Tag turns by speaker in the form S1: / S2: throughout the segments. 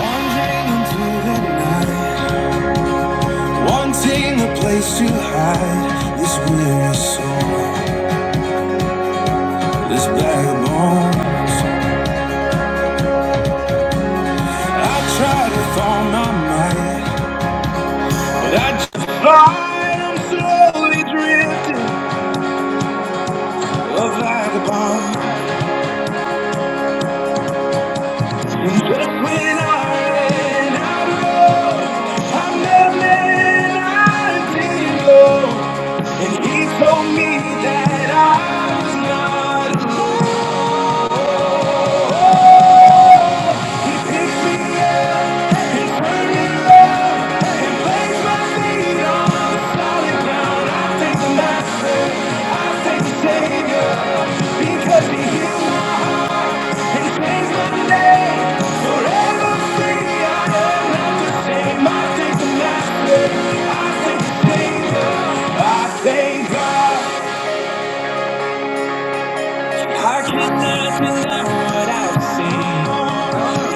S1: Wandering into the night, wanting a place to hide this weary soul, this bag of bones. I tried with all my might, but I just find I'm slowly drifting, a vagabond. And just when I ran out, I met a man I didn't know, and he told me that I was not alone. He picked me up. Because he healed and changed my name forever free. I am not the same. I thank the Master. I thank the Savior. I thank God. I cannot deny what I've seen.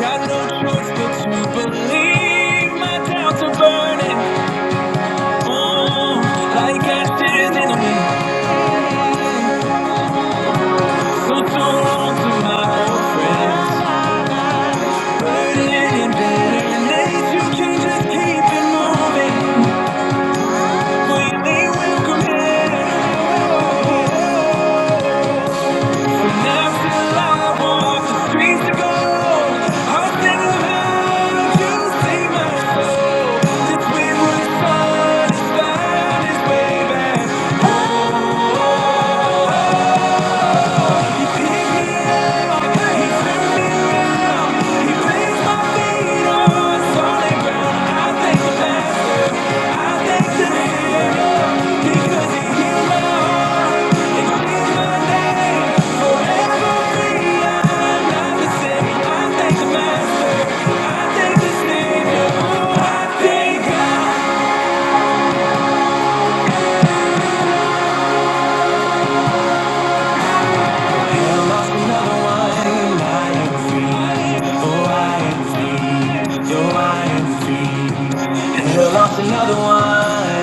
S1: Got no choice but to believe. My doubts are burning. Oh, like ashes in a wind. So don't to my old friend. Burden and bitterness, you can just keep it moving. When they welcome here, but now still I walk the streets of gold. Hearts that love, you save my soul. This way was fun, it's found its way You pick me up, I lost another one. I oh I ain't seen, yo I ain't lost another one.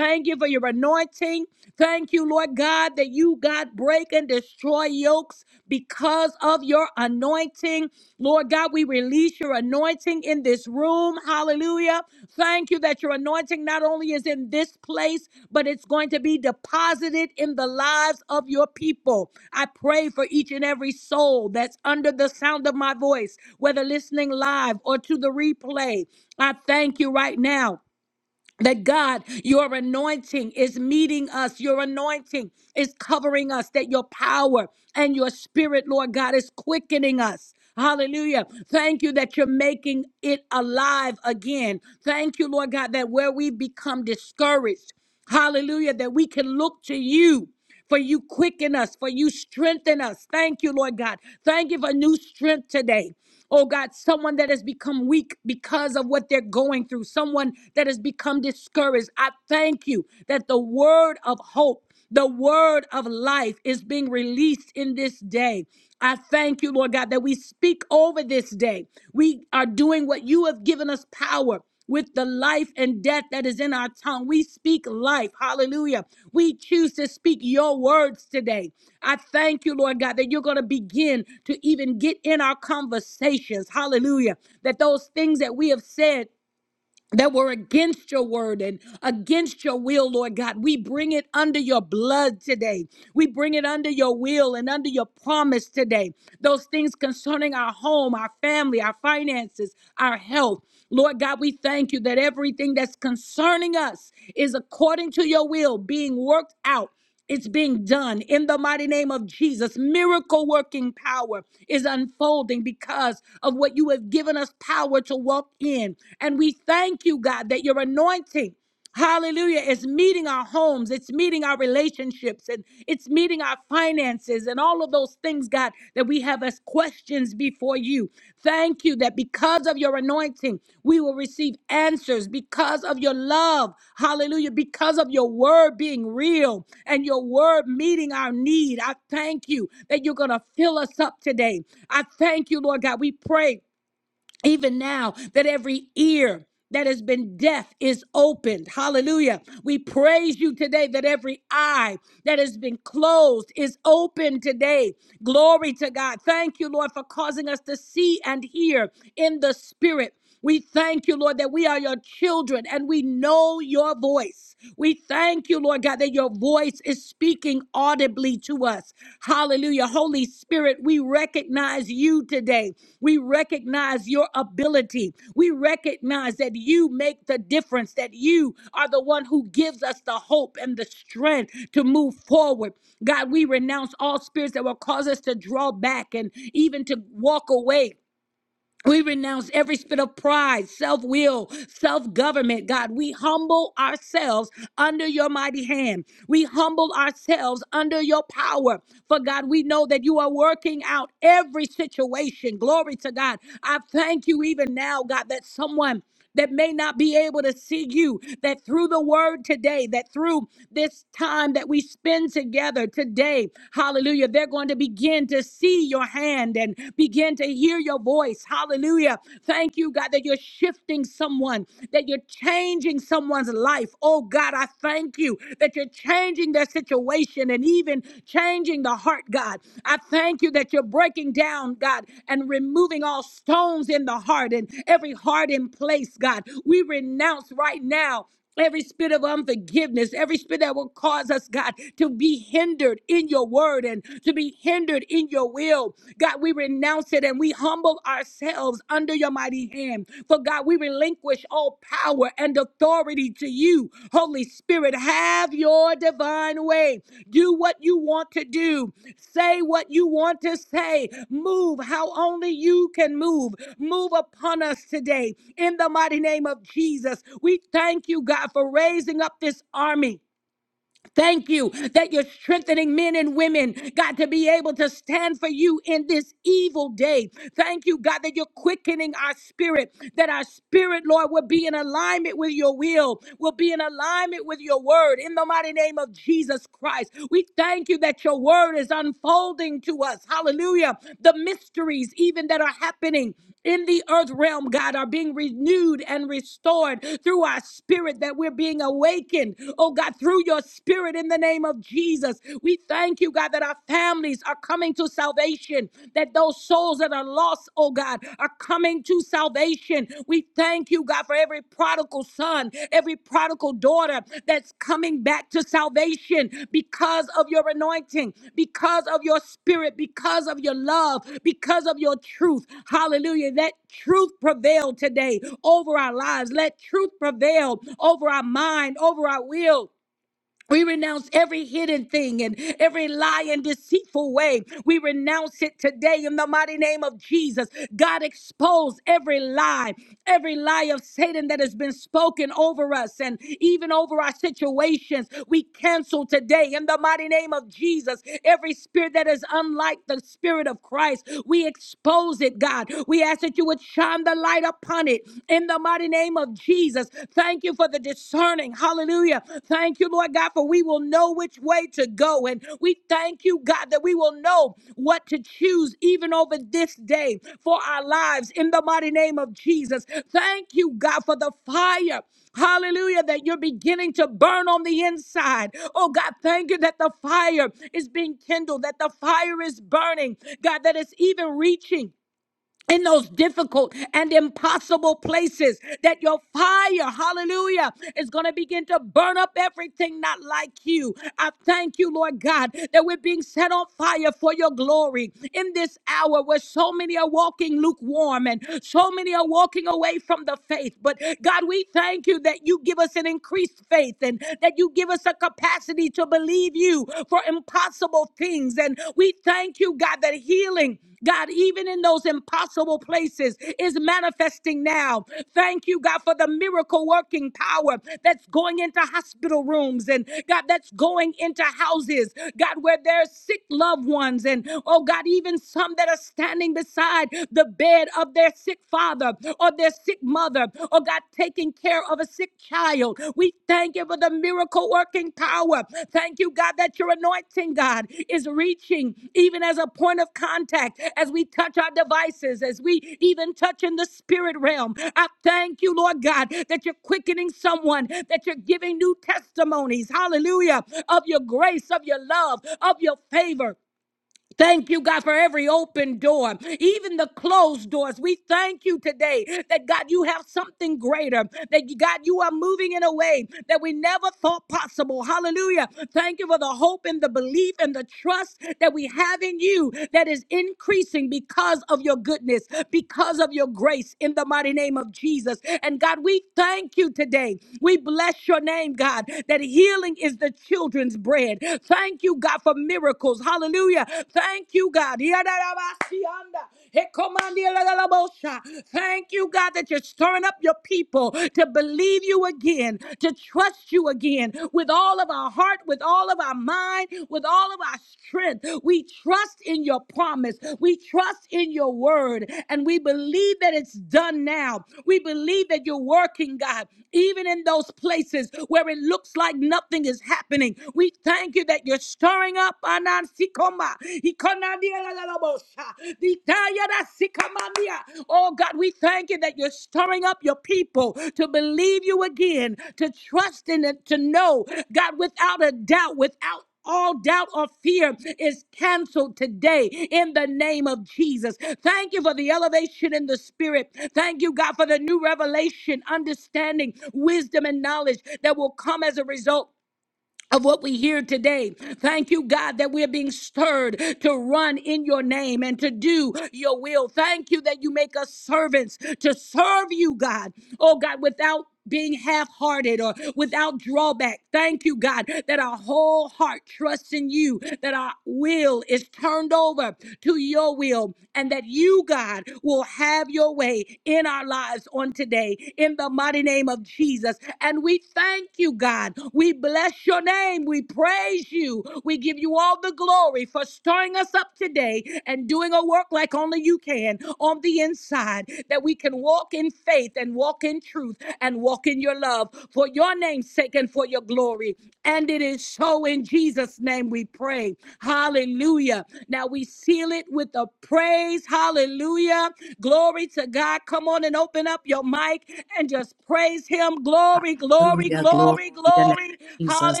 S2: Hallelujah. Glory to your name, Jesus.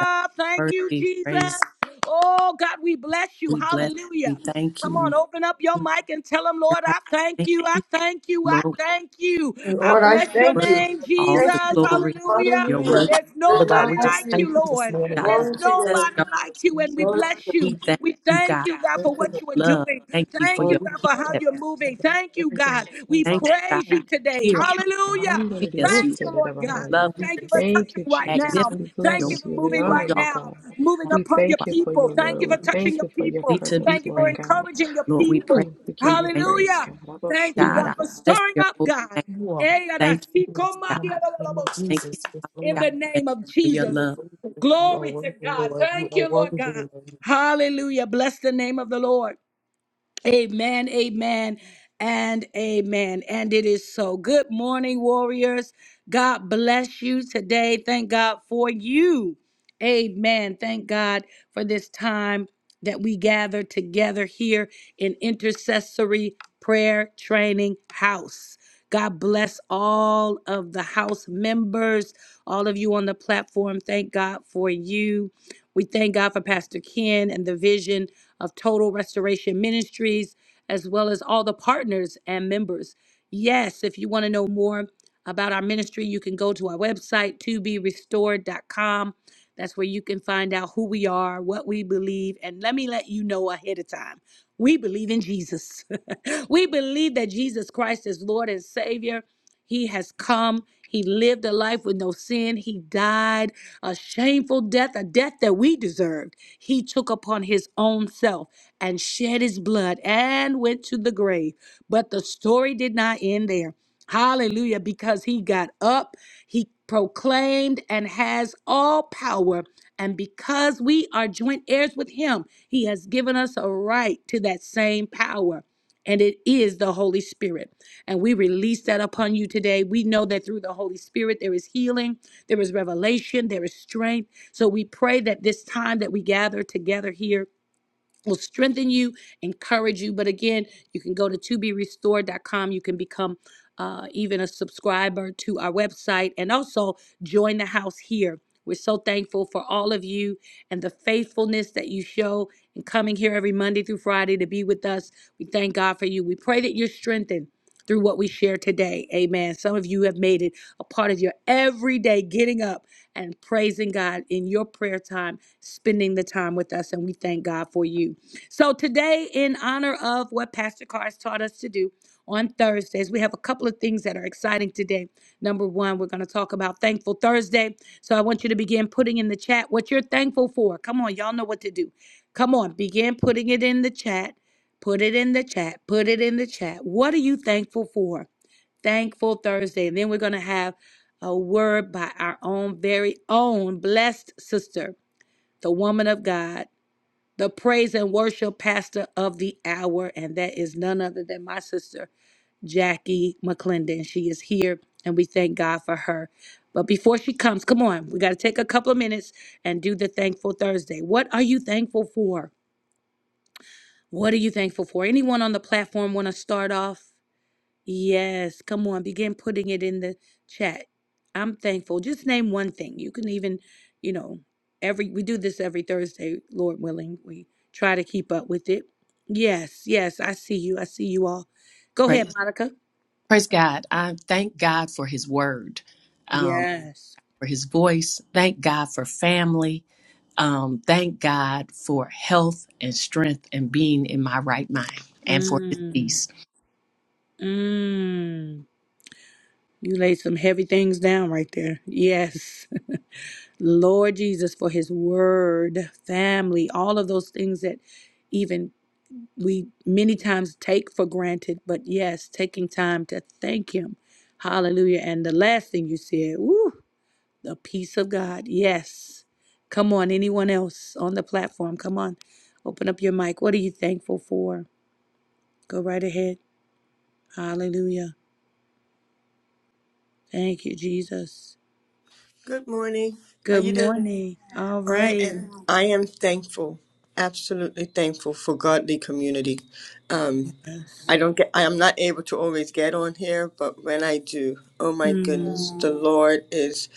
S2: God worthy. Praise. We bless you. We thank you. We thank you, God. We Thank you, Lord. We
S3: Lord, I thank
S2: worship
S3: you.
S2: all
S3: Thank
S2: the
S3: you.
S2: glory. Your
S3: Hallelujah.
S2: word,
S3: There's none like you.
S2: God.
S3: Glory to
S2: Bless
S3: God.
S2: you.
S3: Glory
S2: We thank you, God.
S3: to the
S2: Love. Thank you for
S3: Lord.
S2: your peace. That Thank you, God. Here, see us. You
S4: Ahandariyosirabahaya.
S2: love,
S4: Thank you, Jesus.
S2: magnificent.
S4: We bless
S2: Your
S4: you. We
S2: wonderful.
S4: honor
S2: Your
S4: you, God. We thank you for your word. We thank you for your
S2: worthy to
S4: presence,
S2: be
S4: Lord
S2: praised.
S4: God.
S2: Lord, we pray.
S4: Ooh, we
S2: We
S4: give you
S2: thank
S4: praise, God.
S2: you, God. I bless your holy name. Thank you, God. Thank you, Father God. Thank you for your love. Praise, praise God. I thank God for his word, um, for his voice. Thank God for family. Um, thank God for health and strength and being in my right mind and for his peace.
S3: Good morning. How you doing? I am. I am thankful, absolutely thankful for godly community. Um, I don't get. I am not able to always get on here, but when I do, oh my goodness, the Lord is.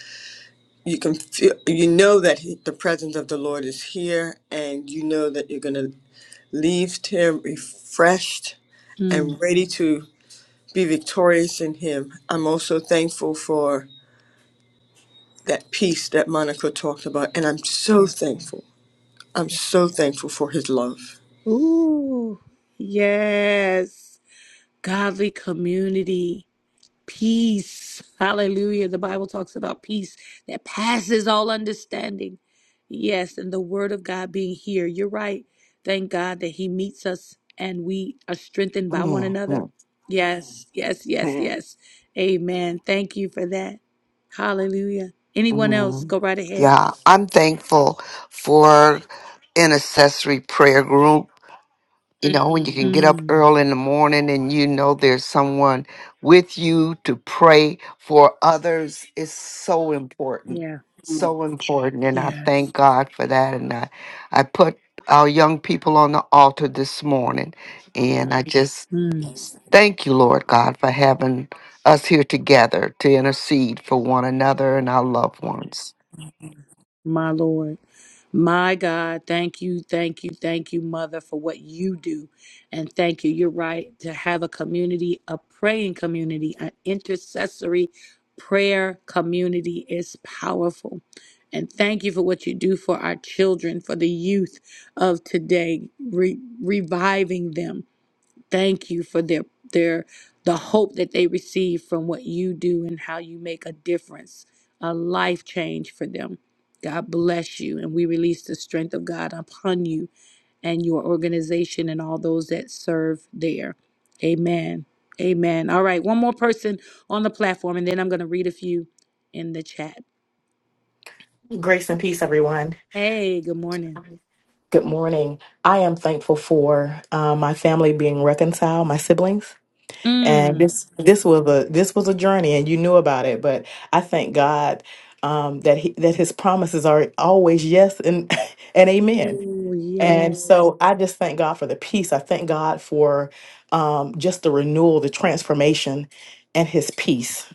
S3: you can feel you know that he, the presence of the lord is here and you know that you're going to leave here refreshed and ready to be victorious in him i'm also thankful for that peace that monica talked about and i'm so thankful i'm so thankful for his love
S5: Mhm. Yeah, I'm thankful for an accessory prayer group you know, when you can get up early in the morning and you know there's someone with you to pray for others is so important. So important. And I thank God for that. And I, I put our young people on the altar this morning. And I just s- thank you, Lord God, for having us here together to intercede for one another and our loved ones.
S6: Grace and peace, everyone. Good morning. I am thankful for uh, my family being reconciled, my siblings, and this this was a this was a journey, and you knew about it. But I thank God um, that he, that His promises are always yes and and amen. And so I just thank God for the peace. I thank God for um, just the renewal, the transformation, and His peace.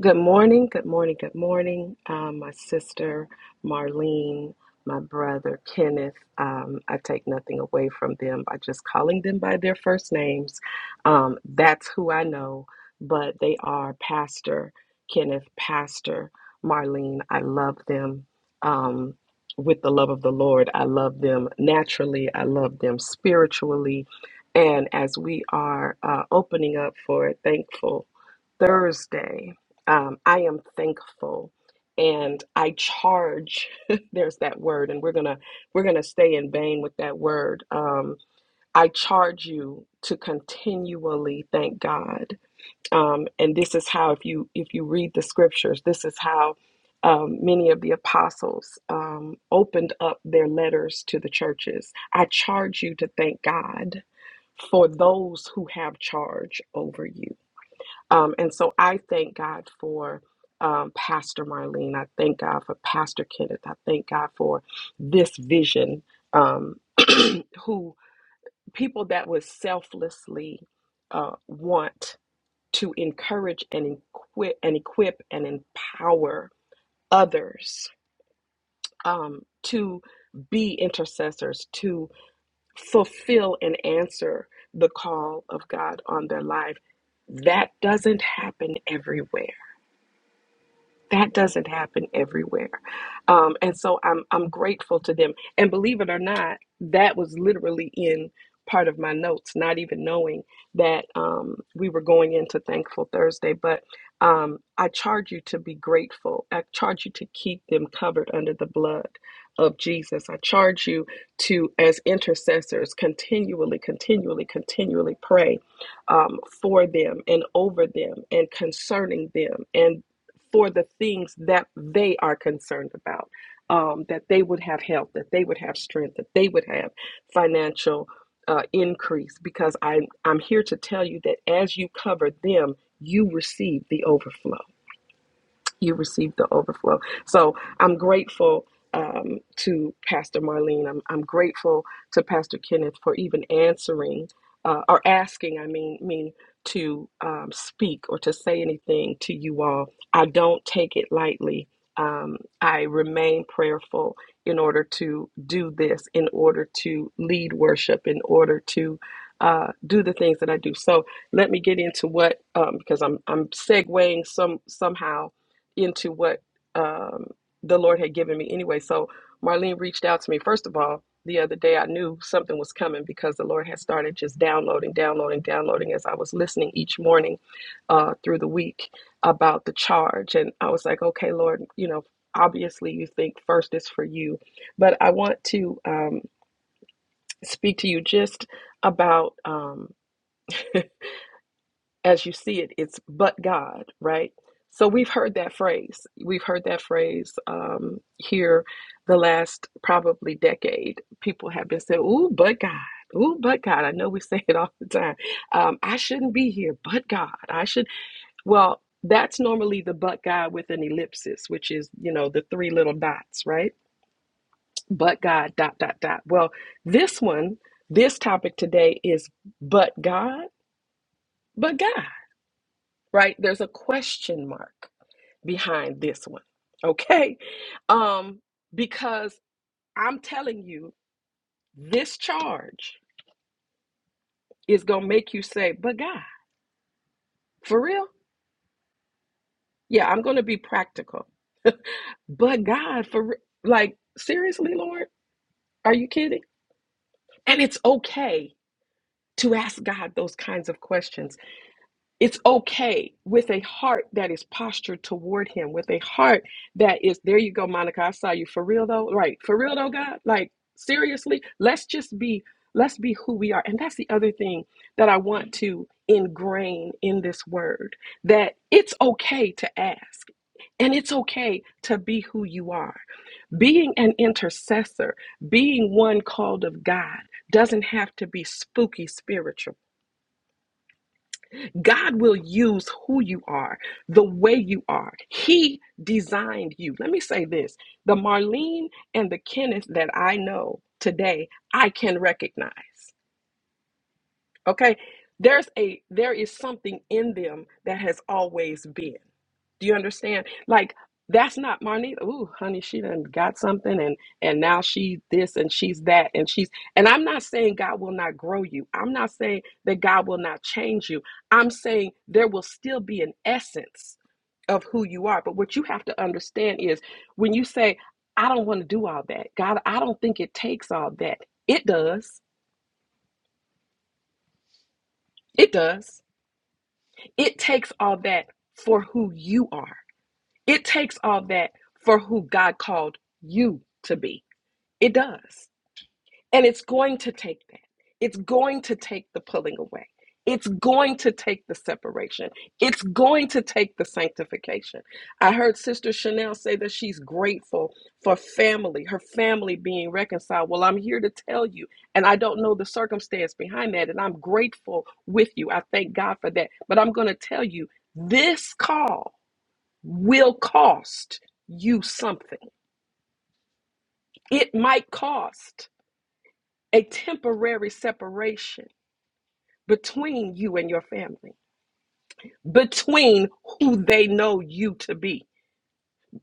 S4: Good morning, good morning, good morning. Um, my sister Marlene, my brother Kenneth. Um, I take nothing away from them by just calling them by their first names. Um, that's who I know, but they are Pastor Kenneth, Pastor Marlene. I love them um, with the love of the Lord. I love them naturally, I love them spiritually. And as we are uh, opening up for Thankful Thursday, um, I am thankful and I charge there's that word and we're gonna we're gonna stay in vain with that word um, I charge you to continually thank God um, and this is how if you if you read the scriptures this is how um, many of the apostles um, opened up their letters to the churches I charge you to thank God for those who have charge over you um, and so I thank God for um, Pastor Marlene. I thank God for Pastor Kenneth. I thank God for this vision, um, who people that would selflessly uh, want to encourage and equip and equip and empower others um, to be intercessors, to fulfill and answer the call of God on their life. That doesn't happen everywhere That doesn't happen everywhere. Um, and so I'm I'm grateful to them. And believe it or not, that was literally in part of my notes, not even knowing that um, we were going into Thankful Thursday. But um, I charge you to be grateful. I charge you to keep them covered under the blood of Jesus. I charge you to, as intercessors, continually, continually, continually pray um, for them and over them and concerning them and for the things that they are concerned about. Um, that they would have health, that they would have strength, that they would have financial uh, increase. Because I, I'm here to tell you that as you cover them, you receive the overflow you receive the overflow. So I'm grateful um, to Pastor Marlene. I'm, I'm grateful to Pastor Kenneth for even answering uh, or asking, I mean, me to um, speak or to say anything to you all. I don't take it lightly. Um, I remain prayerful in order to do this, in order to lead worship, in order to uh, do the things that I do. So let me get into what, um, because I'm I'm segueing some somehow into what um, the Lord had given me anyway. So Marlene reached out to me. First of all, the other day I knew something was coming because the Lord had started just downloading, downloading, downloading as I was listening each morning uh, through the week about the charge. And I was like, okay, Lord, you know, obviously you think first is for you, but I want to um, speak to you just about. Um, as you see it, it's but God, right? So we've heard that phrase. We've heard that phrase um, here the last probably decade. People have been saying, ooh, but God. Ooh, but God. I know we say it all the time. Um, I shouldn't be here, but God. I should. Well, that's normally the but God with an ellipsis, which is, you know, the three little dots, right? But God, dot, dot, dot. Well, this one, this topic today is but God, but God right? There's a question mark behind this one, okay? Um, because I'm telling you, this charge is going to make you say, but God, for real? Yeah, I'm going to be practical. But God, for re- like, seriously, Lord, are you kidding? And it's okay to ask God those kinds of questions It's okay with a heart that is postured toward him, with a heart that is, there you go, Monica. I saw you for real though. Right. For real though, God. Like, seriously, let's just be, let's be who we are. And that's the other thing that I want to ingrain in this word that it's okay to ask. And it's okay to be who you are. Being an intercessor, being one called of God, doesn't have to be spooky spiritual God will use who you are, the way you are. He designed you. Let me say this the Marlene and the Kenneth that I know today, I can recognize. Okay? There's a there is something in them that has always been. Do you understand? Like that's not Marnita. Ooh, honey, she done got something and and now she this and she's that and she's and I'm not saying God will not grow you. I'm not saying that God will not change you. I'm saying there will still be an essence of who you are. But what you have to understand is when you say, I don't want to do all that, God, I don't think it takes all that, it does. It does It takes all that for who you are. It takes all that for who God called you to be. It does. And it's going to take that. It's going to take the pulling away. It's going to take the separation. It's going to take the sanctification. I heard Sister Chanel say that she's grateful for family, her family being reconciled. Well, I'm here to tell you, and I don't know the circumstance behind that, and I'm grateful with you. I thank God for that. But I'm going to tell you this call will cost you something. It might cost a temporary separation between you and your family, between who they know you to be.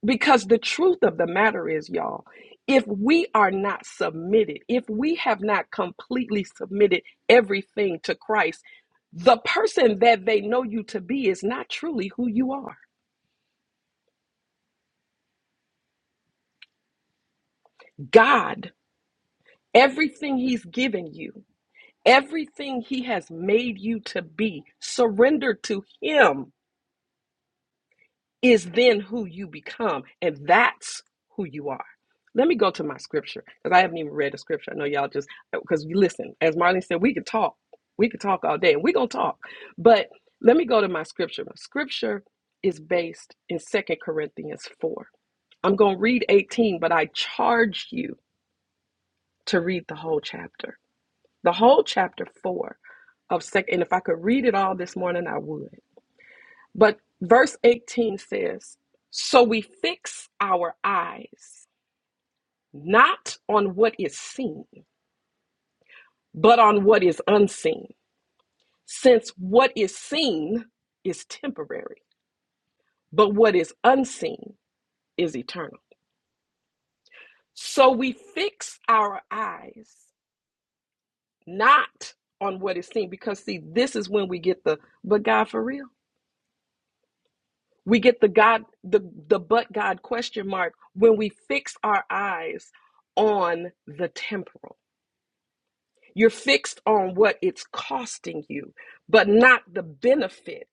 S4: Because the truth of the matter is, y'all, if we are not submitted, if we have not completely submitted everything to Christ, the person that they know you to be is not truly who you are. God, everything He's given you, everything He has made you to be, surrender to Him is then who you become. And that's who you are. Let me go to my scripture because I haven't even read the scripture. I know y'all just because we listen, as Marlene said, we could talk. We could talk all day and we're gonna talk. But let me go to my scripture. My scripture is based in Second Corinthians 4. I'm gonna read 18, but I charge you to read the whole chapter. The whole chapter four of second and if I could read it all this morning, I would. But verse 18 says, So we fix our eyes not on what is seen, but on what is unseen. Since what is seen is temporary, but what is unseen is eternal. So we fix our eyes not on what is seen, because see, this is when we get the but God for real. We get the God, the, the but God question mark when we fix our eyes on the temporal. You're fixed on what it's costing you, but not the benefit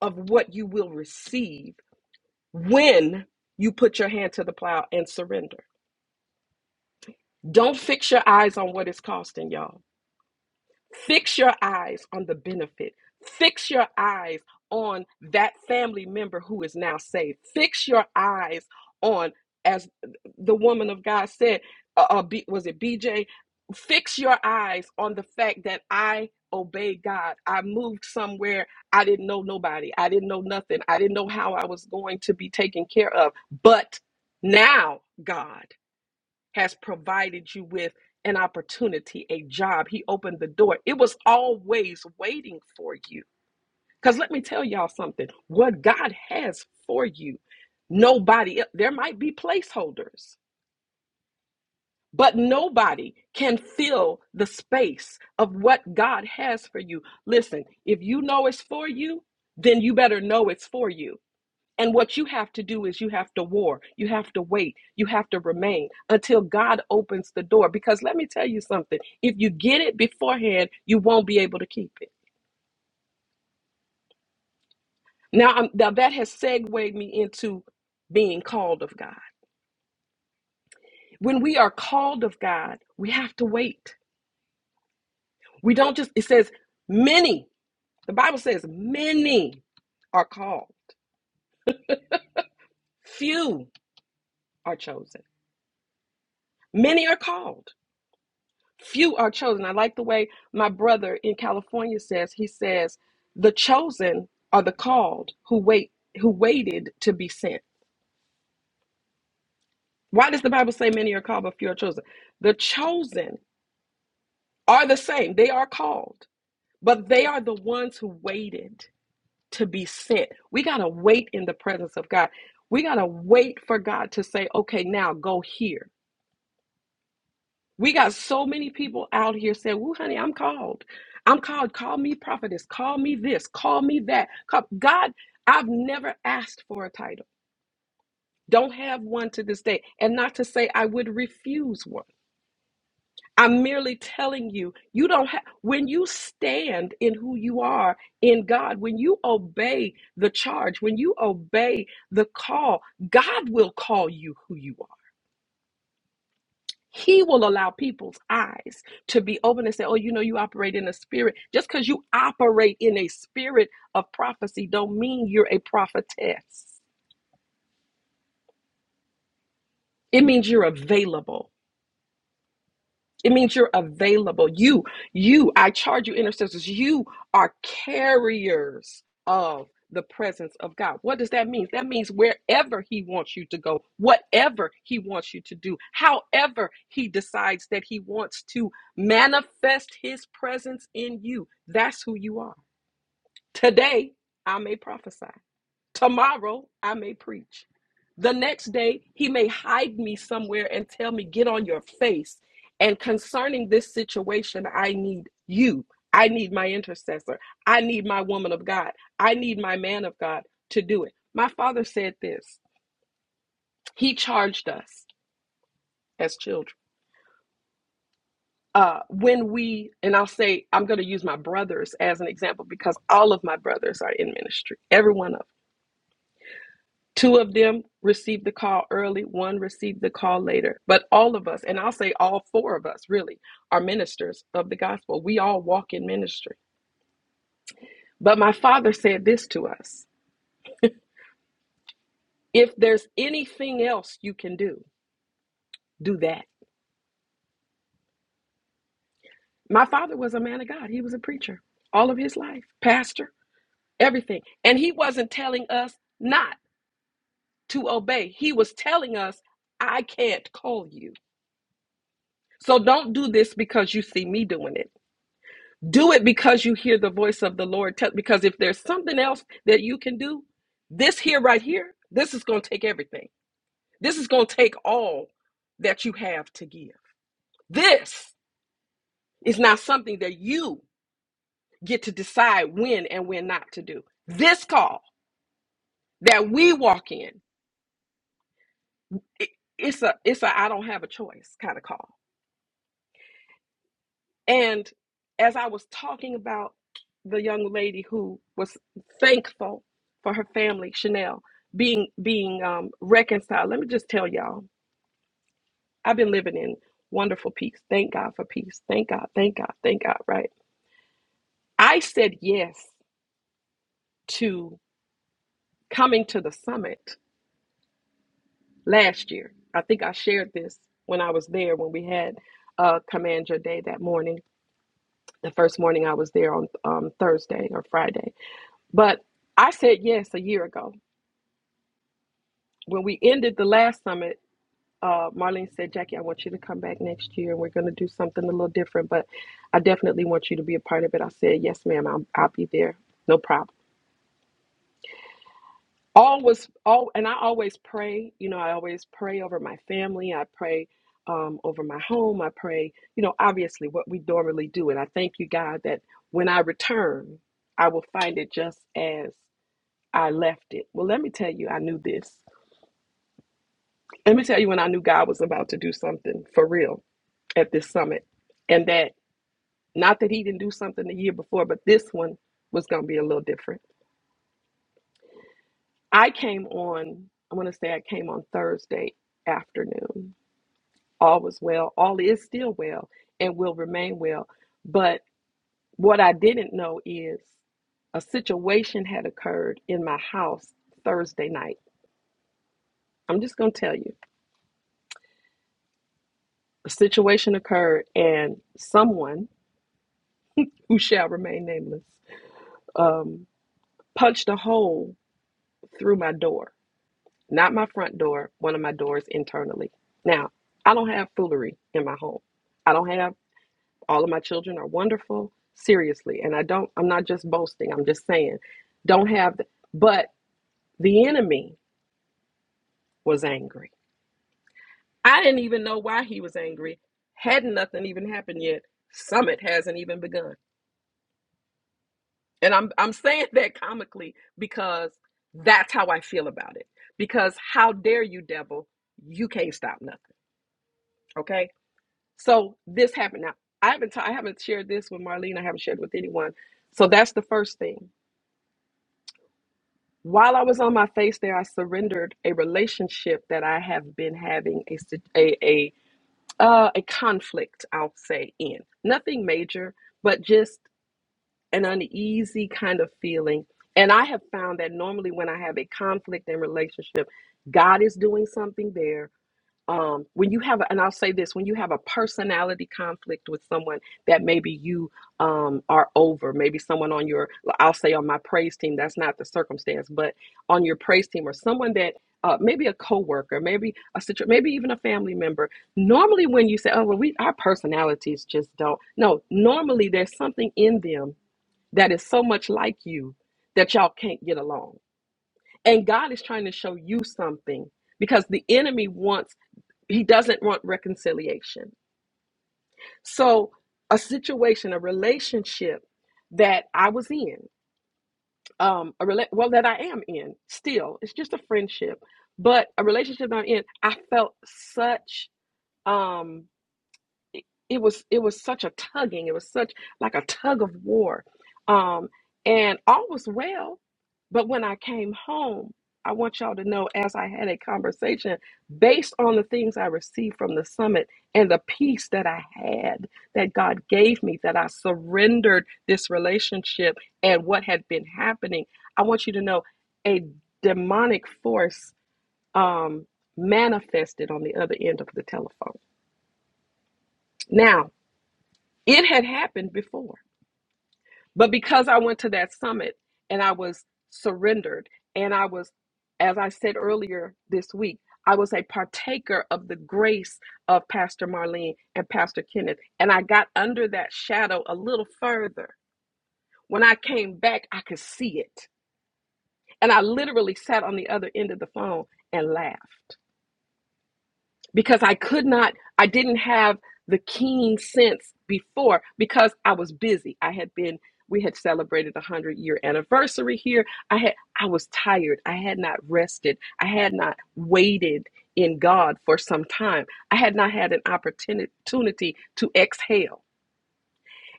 S4: of what you will receive when you put your hand to the plow and surrender. Don't fix your eyes on what it's costing y'all Fix your eyes on the benefit. Fix your eyes on that family member who is now saved. Fix your eyes on, as the woman of God said, uh, uh, B, was it BJ? Fix your eyes on the fact that I obeyed God. I moved somewhere. I didn't know nobody. I didn't know nothing. I didn't know how I was going to be taken care of. But now, God has provided you with an opportunity, a job. He opened the door. It was always waiting for you. Because let me tell y'all something what God has for you, nobody, there might be placeholders, but nobody can fill the space of what God has for you. Listen, if you know it's for you, then you better know it's for you and what you have to do is you have to war, you have to wait, you have to remain until God opens the door. Because let me tell you something if you get it beforehand, you won't be able to keep it. Now, I'm, now that has segued me into being called of God. When we are called of God, we have to wait. We don't just, it says many, the Bible says many are called, few are chosen, many are called. few are chosen. I like the way my brother in California says, he says, the chosen are the called who wait who waited to be sent. Why does the Bible say many are called but few are chosen? The chosen are the same. They are called, but they are the ones who waited to be sent. We got to wait in the presence of God. We got to wait for God to say, "Okay, now go here." We got so many people out here saying, Woo, honey, I'm called. I'm called. Call me prophetess. Call me this. Call me that. Call- God, I've never asked for a title. Don't have one to this day. And not to say I would refuse one. I'm merely telling you, you don't have, when you stand in who you are in God, when you obey the charge, when you obey the call, God will call you who you are. He will allow people's eyes to be open and say, "Oh, you know, you operate in a spirit. Just because you operate in a spirit of prophecy, don't mean you're a prophetess. It means you're available. It means you're available. You, you, I charge you intercessors, you are carriers of the presence of God. What does that mean? That means wherever He wants you to go, whatever He wants you to do, however He decides that He wants to manifest His presence in you, that's who you are. Today, I may prophesy. Tomorrow I may preach. The next day he may hide me somewhere and tell me, Get on your face. And concerning this situation, I need you. I need my intercessor. I need my woman of God. I need my man of God to do it. My father said this. He charged us as children. Uh, when we, and I'll say, I'm going to use my brothers as an example because all of my brothers are in ministry, every one of them Two of them received the call early, one received the call later. But all of us, and I'll say all four of us really, are ministers of the gospel. We all walk in ministry. But my father said this to us if there's anything else you can do, do that. My father was a man of God, he was a preacher all of his life, pastor, everything. And he wasn't telling us not to obey, he was telling us, I can't call you. So don't do this because you see me doing it. Do it because you hear the voice of the Lord. Tell, because if there's something else that you can do, this here, right here, this is going to take everything. This is going to take all that you have to give. This is not something that you get to decide when and when not to do. This call that we walk in, it, it's a it's a I don't have a choice kind of call. And as I was talking about the young lady who was thankful for her family, Chanel, being being um, reconciled, let me just tell y'all, I've been living in wonderful peace. Thank God for peace. Thank God. Thank God. Thank God. Right. I said yes to coming to the summit last year. I think I shared this when I was there when we had uh, Command Your Day that morning, the first morning I was there on um, Thursday or Friday But I said yes a year ago. When we ended the last summit, uh, Marlene said, Jackie, I want you to come back next year and we're going to do something a little different, but I definitely want you to be a part of it. I said, yes, ma'am, I'll, I'll be there. No problem. All was all, and I always pray, you know, I always pray over my family. I pray um, over my home. I pray, you know, obviously what we normally do. And I thank you, God, that when I return, I will find it just as I left it. Well, let me tell you, I knew this. Let me tell you when I knew God was about to do something for real at this summit. And that, not that he didn't do something the year before, but this one was going to be a little different. I came on, I want to say I came on Thursday afternoon. All was well. All is still well and will remain well. But what I didn't know is a situation had occurred in my house Thursday night. I'm just going to tell you. A situation occurred, and someone who shall remain nameless um, punched a hole through my door, not my front door, one of my doors internally. Now, I don't have foolery in my home. I don't have all of my children are wonderful, seriously. And I don't, I'm not just boasting, I'm just saying, don't have, the, but the enemy was angry. I didn't even know why he was angry. Hadn't nothing even happened yet. Summit hasn't even begun. And I'm I'm saying that comically because that's how I feel about it. Because how dare you, devil? You can't stop nothing. Okay. So this happened. Now I haven't t- I haven't shared this with Marlene. I haven't shared it with anyone. So that's the first thing. While I was on my face there, I surrendered a relationship that I have been having a sit- a a, uh, a conflict. I'll say in nothing major, but just an uneasy kind of feeling. And I have found that normally when I have a conflict in relationship, God is doing something there. Um, when you have, a, and I'll say this, when you have a personality conflict with someone that maybe you um, are over, maybe someone on your, I'll say on my praise team, that's not the circumstance, but on your praise team or someone that uh, maybe a coworker, maybe a situ- maybe even a family member. Normally, when you say, "Oh well, we our personalities just don't," no. Normally, there's something in them that is so much like you that y'all can't get along. And God is trying to show you something because the enemy wants, he doesn't want reconciliation. So, a situation, a relationship that I was in, um, a rela- well, that I am in still, it's just a friendship, but a relationship that I'm in, I felt such. Um, it, it was it was such a tugging it was such like a tug of war um and all was well but when i came home i want y'all to know as i had a conversation based on the things i received from the summit and the peace that i had that god gave me that i surrendered this relationship and what had been happening i want you to know a demonic force um manifested on the other end of the telephone now it had happened before. But because I went to that summit and I was surrendered, and I was, as I said earlier this week, I was a partaker of the grace of Pastor Marlene and Pastor Kenneth. And I got under that shadow a little further. When I came back, I could see it. And I literally sat on the other end of the phone and laughed. because I could not, I didn't have the keen sense before because I was busy. I had been, we had celebrated a hundred year anniversary here. I had, I was tired. I had not rested. I had not waited in God for some time. I had not had an opportunity to exhale.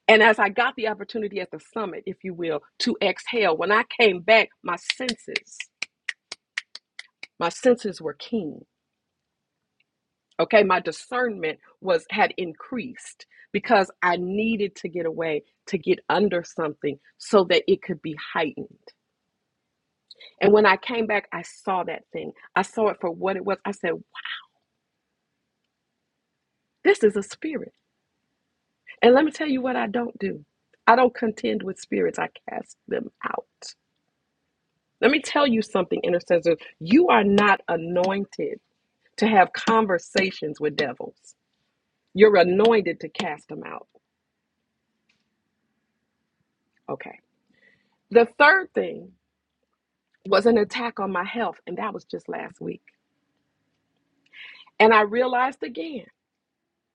S4: And as I got the opportunity at the summit, if you will, to exhale, when I came back, my senses, my senses were keen okay my discernment was had increased because i needed to get away to get under something so that it could be heightened and when i came back i saw that thing i saw it for what it was i said this is a spirit and let me tell you what i don't do i don't contend with spirits i cast them out let me tell you something intercessor you are not anointed to have conversations with devils you're anointed to cast them out okay the third thing was an attack on my health, and that was just last week. And I realized again,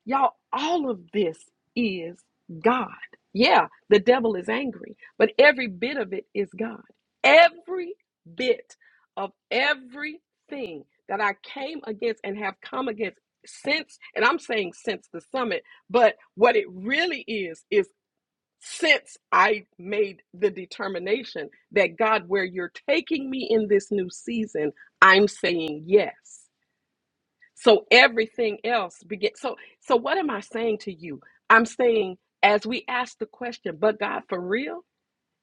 S4: y'all, all of this is God. Yeah, the devil is angry, but every bit of it is God. Every bit of everything that I came against and have come against since, and I'm saying since the summit, but what it really is is since I made the determination that God, where you're taking me in this new season, I'm saying yes. So everything else begin. So, so what am I saying to you? I'm saying as we ask the question, but God, for real?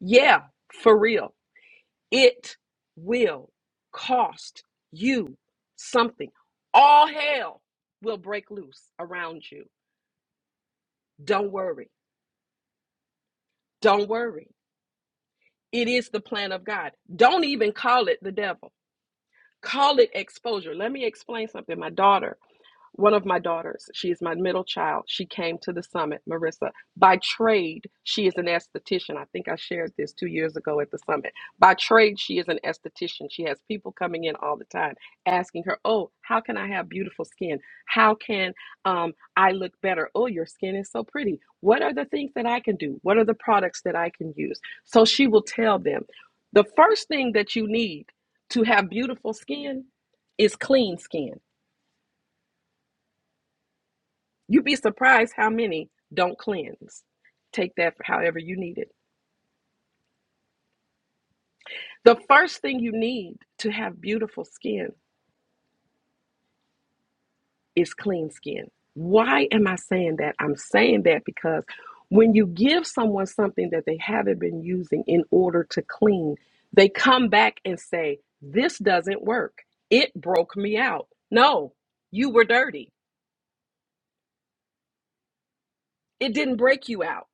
S4: Yeah, for real. It will cost you something. All hell will break loose around you. Don't worry. Don't worry. It is the plan of God. Don't even call it the devil. Call it exposure. Let me explain something. My daughter one of my daughters, she is my middle child. She came to the summit, Marissa. By trade, she is an esthetician. I think I shared this two years ago at the summit. By trade, she is an esthetician. She has people coming in all the time asking her, Oh, how can I have beautiful skin? How can um, I look better? Oh, your skin is so pretty. What are the things that I can do? What are the products that I can use? So she will tell them the first thing that you need to have beautiful skin is clean skin You'd be surprised how many don't cleanse. Take that however you need it. The first thing you need to have beautiful skin is clean skin. Why am I saying that? I'm saying that because when you give someone something that they haven't been using in order to clean, they come back and say, This doesn't work. It broke me out. No, you were dirty. It didn't break you out.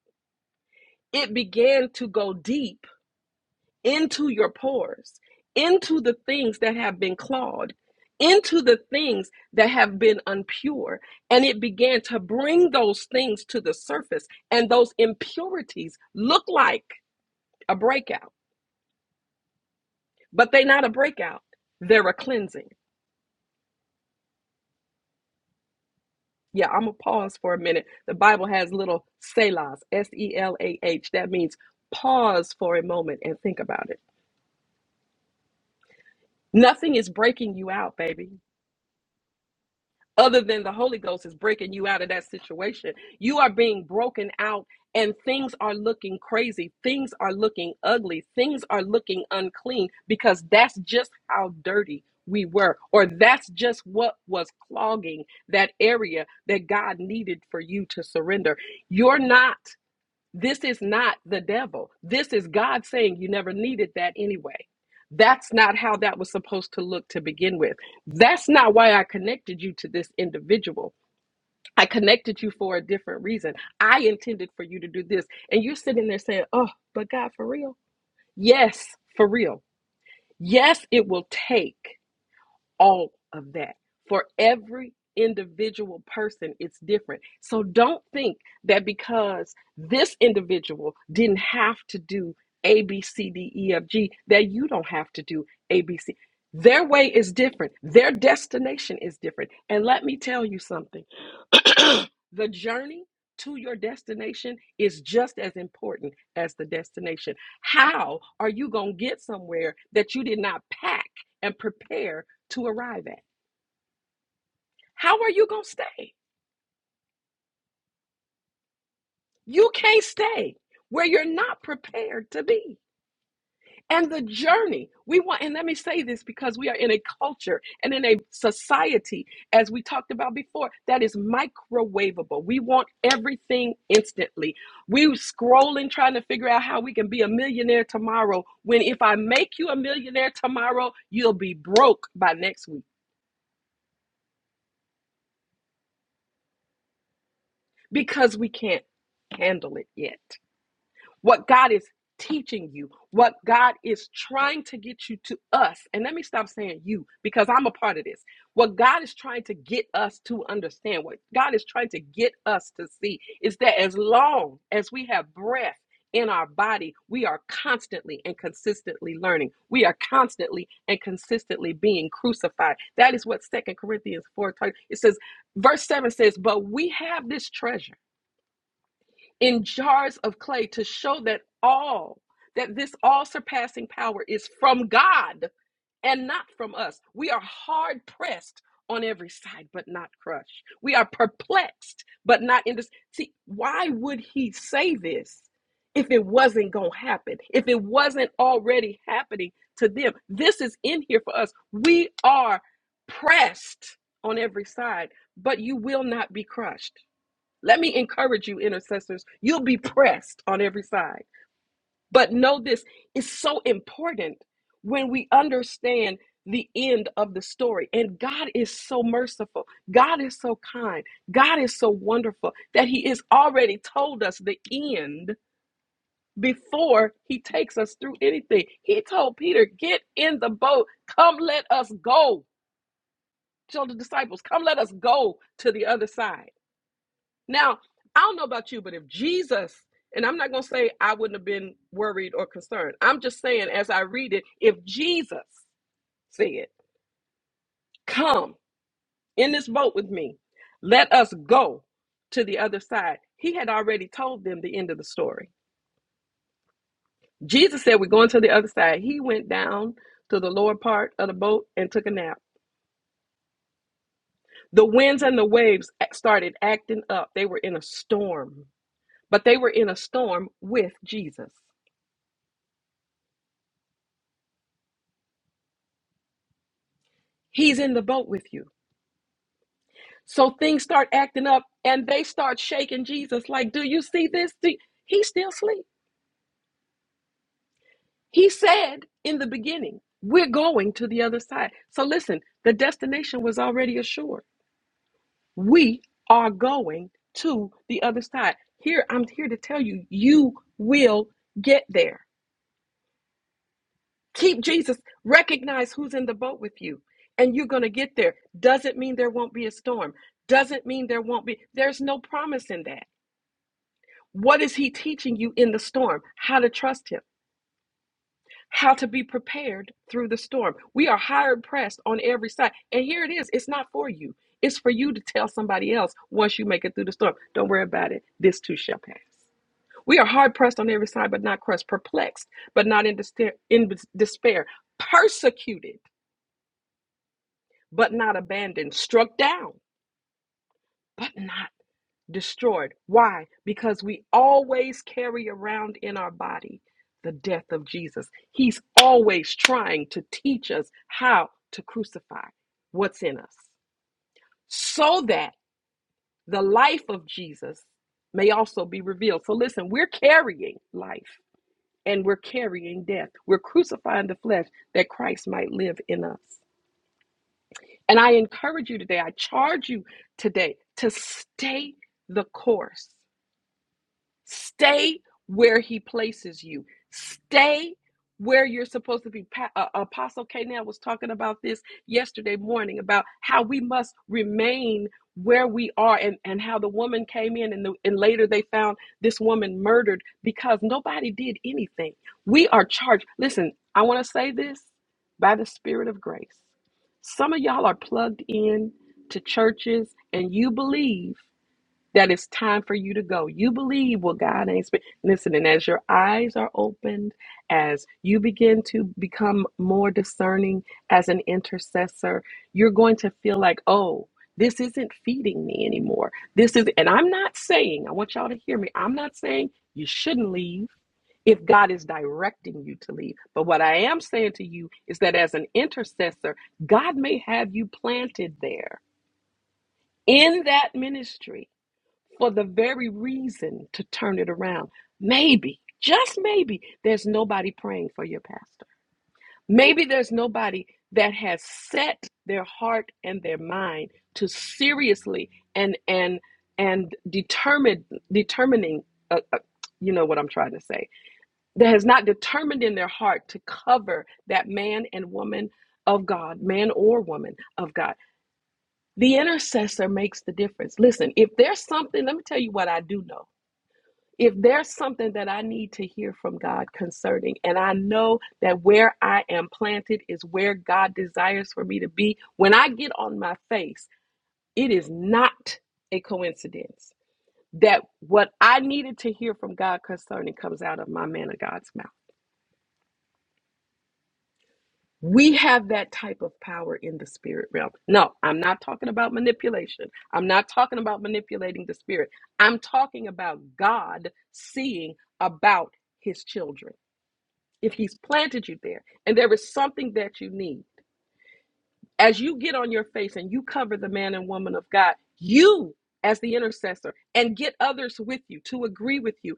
S4: It began to go deep into your pores, into the things that have been clawed, into the things that have been impure, And it began to bring those things to the surface. And those impurities look like a breakout, but they're not a breakout, they're a cleansing. Yeah, I'm going to pause for a minute. The Bible has little selahs, S E L A H. That means pause for a moment and think about it. Nothing is breaking you out, baby. other than the Holy Ghost is breaking you out of that situation. You are being broken out, and things are looking crazy. Things are looking ugly. Things are looking unclean because that's just how dirty we were, or that's just what was clogging that area that God needed for you to surrender. You're not. This is not the devil. This is God saying you never needed that anyway. That's not how that was supposed to look to begin with. That's not why I connected you to this individual. I connected you for a different reason. I intended for you to do this. And you're sitting there saying, oh, but God, for real? Yes, for real. Yes, it will take all of that. For every individual person, it's different. So don't think that because this individual didn't have to do A, B, C, D, E, F, G, that you don't have to do A, B, C. Their way is different, their destination is different. And let me tell you something. the journey to your destination is just as important as the destination. How are you going to get somewhere that you did not pack and prepare to arrive at? How are you going to stay? You can't stay where you're not prepared to be. and the journey. We want, and let me say this because we are in a culture and in a society, as we talked about before, that is microwavable. We want everything instantly. We scrolling trying to figure out how we can be a millionaire tomorrow. When if I make you a millionaire tomorrow, you'll be broke by next week because we can't handle it yet. what God is teaching you, what God is trying to get you to us. And let me stop saying you because I'm a part of this. What God is trying to get us to understand, what God is trying to get us to see is that as long as we have breath, in our body, we are constantly and consistently learning. We are constantly and consistently being crucified. That is what Second Corinthians 4 talks. It says, verse 7 says, But we have this treasure in jars of clay to show that all, that this all surpassing power is from God and not from us. We are hard pressed on every side, but not crushed. We are perplexed, but not in this. See, why would he say this if it wasn't going to happen? If it wasn't already happening to them? This is in here for us. We are pressed on every side, but you will not be crushed. Let me encourage you, intercessors. You'll be pressed on every side. But know this it's so important when we understand the end of the story. And God is so merciful. God is so kind. God is so wonderful that He has already told us the end before He takes us through anything. He told Peter, Get in the boat. Come, let us go. Tell the disciples, Come, let us go to the other side. Now, I don't know about you, but if Jesus, and I'm not going to say I wouldn't have been worried or concerned. I'm just saying, as I read it, if Jesus said, Come in this boat with me, let us go to the other side, he had already told them the end of the story. Jesus said, We're going to the other side. He went down to the lower part of the boat and took a nap. The winds and the waves started acting up. They were in a storm, but they were in a storm with Jesus. He's in the boat with you. So things start acting up and they start shaking Jesus like, Do you see this? Do-" you? He's still asleep. He said in the beginning, We're going to the other side. So listen, the destination was already assured. We are going to the other side. Here, I'm here to tell you, you will get there. Keep Jesus, recognize who's in the boat with you, and you're going to get there. Doesn't mean there won't be a storm. Doesn't mean there won't be, there's no promise in that. What is he teaching you in the storm? How to trust him, how to be prepared through the storm. We are hard pressed on every side. And here it is it's not for you, it's for you to tell somebody else once you make it through the storm. Don't worry about it. This too shall pass. We are hard pressed on every side, but not crushed, perplexed, but not in, despair, in despair, persecuted, but not abandoned, struck down, but not destroyed. Why? Because we always carry around in our body the death of Jesus. He's always trying to teach us how to crucify what's in us so that the life of Jesus may also be revealed. So listen, we're carrying life and we're carrying death. We're crucifying the flesh that Christ might live in us. And I encourage you today, I charge you today to stay the course Stay where he places you. Stay where you're supposed to be. Pa- uh, Apostle Kanell was talking about this yesterday morning about how we must remain where we are and, and how the woman came in and, the, and later they found this woman murdered because nobody did anything. We are charged. Listen, I want to say this by the Spirit of grace. Some of y'all are plugged in to churches and you believe that it's time for you to go. You believe what God ain't speak. Listen, and as your eyes are opened, as you begin to become more discerning as an intercessor, you're going to feel like, oh, this isn't feeding me anymore. This is, and I'm not saying, I want y'all to hear me. I'm not saying you shouldn't leave if God is directing you to leave. But what I am saying to you is that as an intercessor, God may have you planted there in that ministry for the very reason to turn it around. Maybe, just maybe, there's nobody praying for your pastor. Maybe there's nobody that has set their heart and their mind to seriously and and and determined determining uh, uh, you know what I'm trying to say that has not determined in their heart to cover that man and woman of God, man or woman of God. The intercessor makes the difference. Listen, if there's something, let me tell you what I do know if there's something that I need to hear from God concerning, and I know that where I am planted is where God desires for me to be, when I get on my face, it is not a coincidence that what I needed to hear from God concerning comes out of my man of God's mouth. We have that type of power in the spirit realm. No, I'm not talking about manipulation. I'm not talking about manipulating the spirit. I'm talking about God seeing about his children. if he's planted you there and there is something that you need as you get on your face and you cover the man and woman of god you as the intercessor and get others with you to agree with you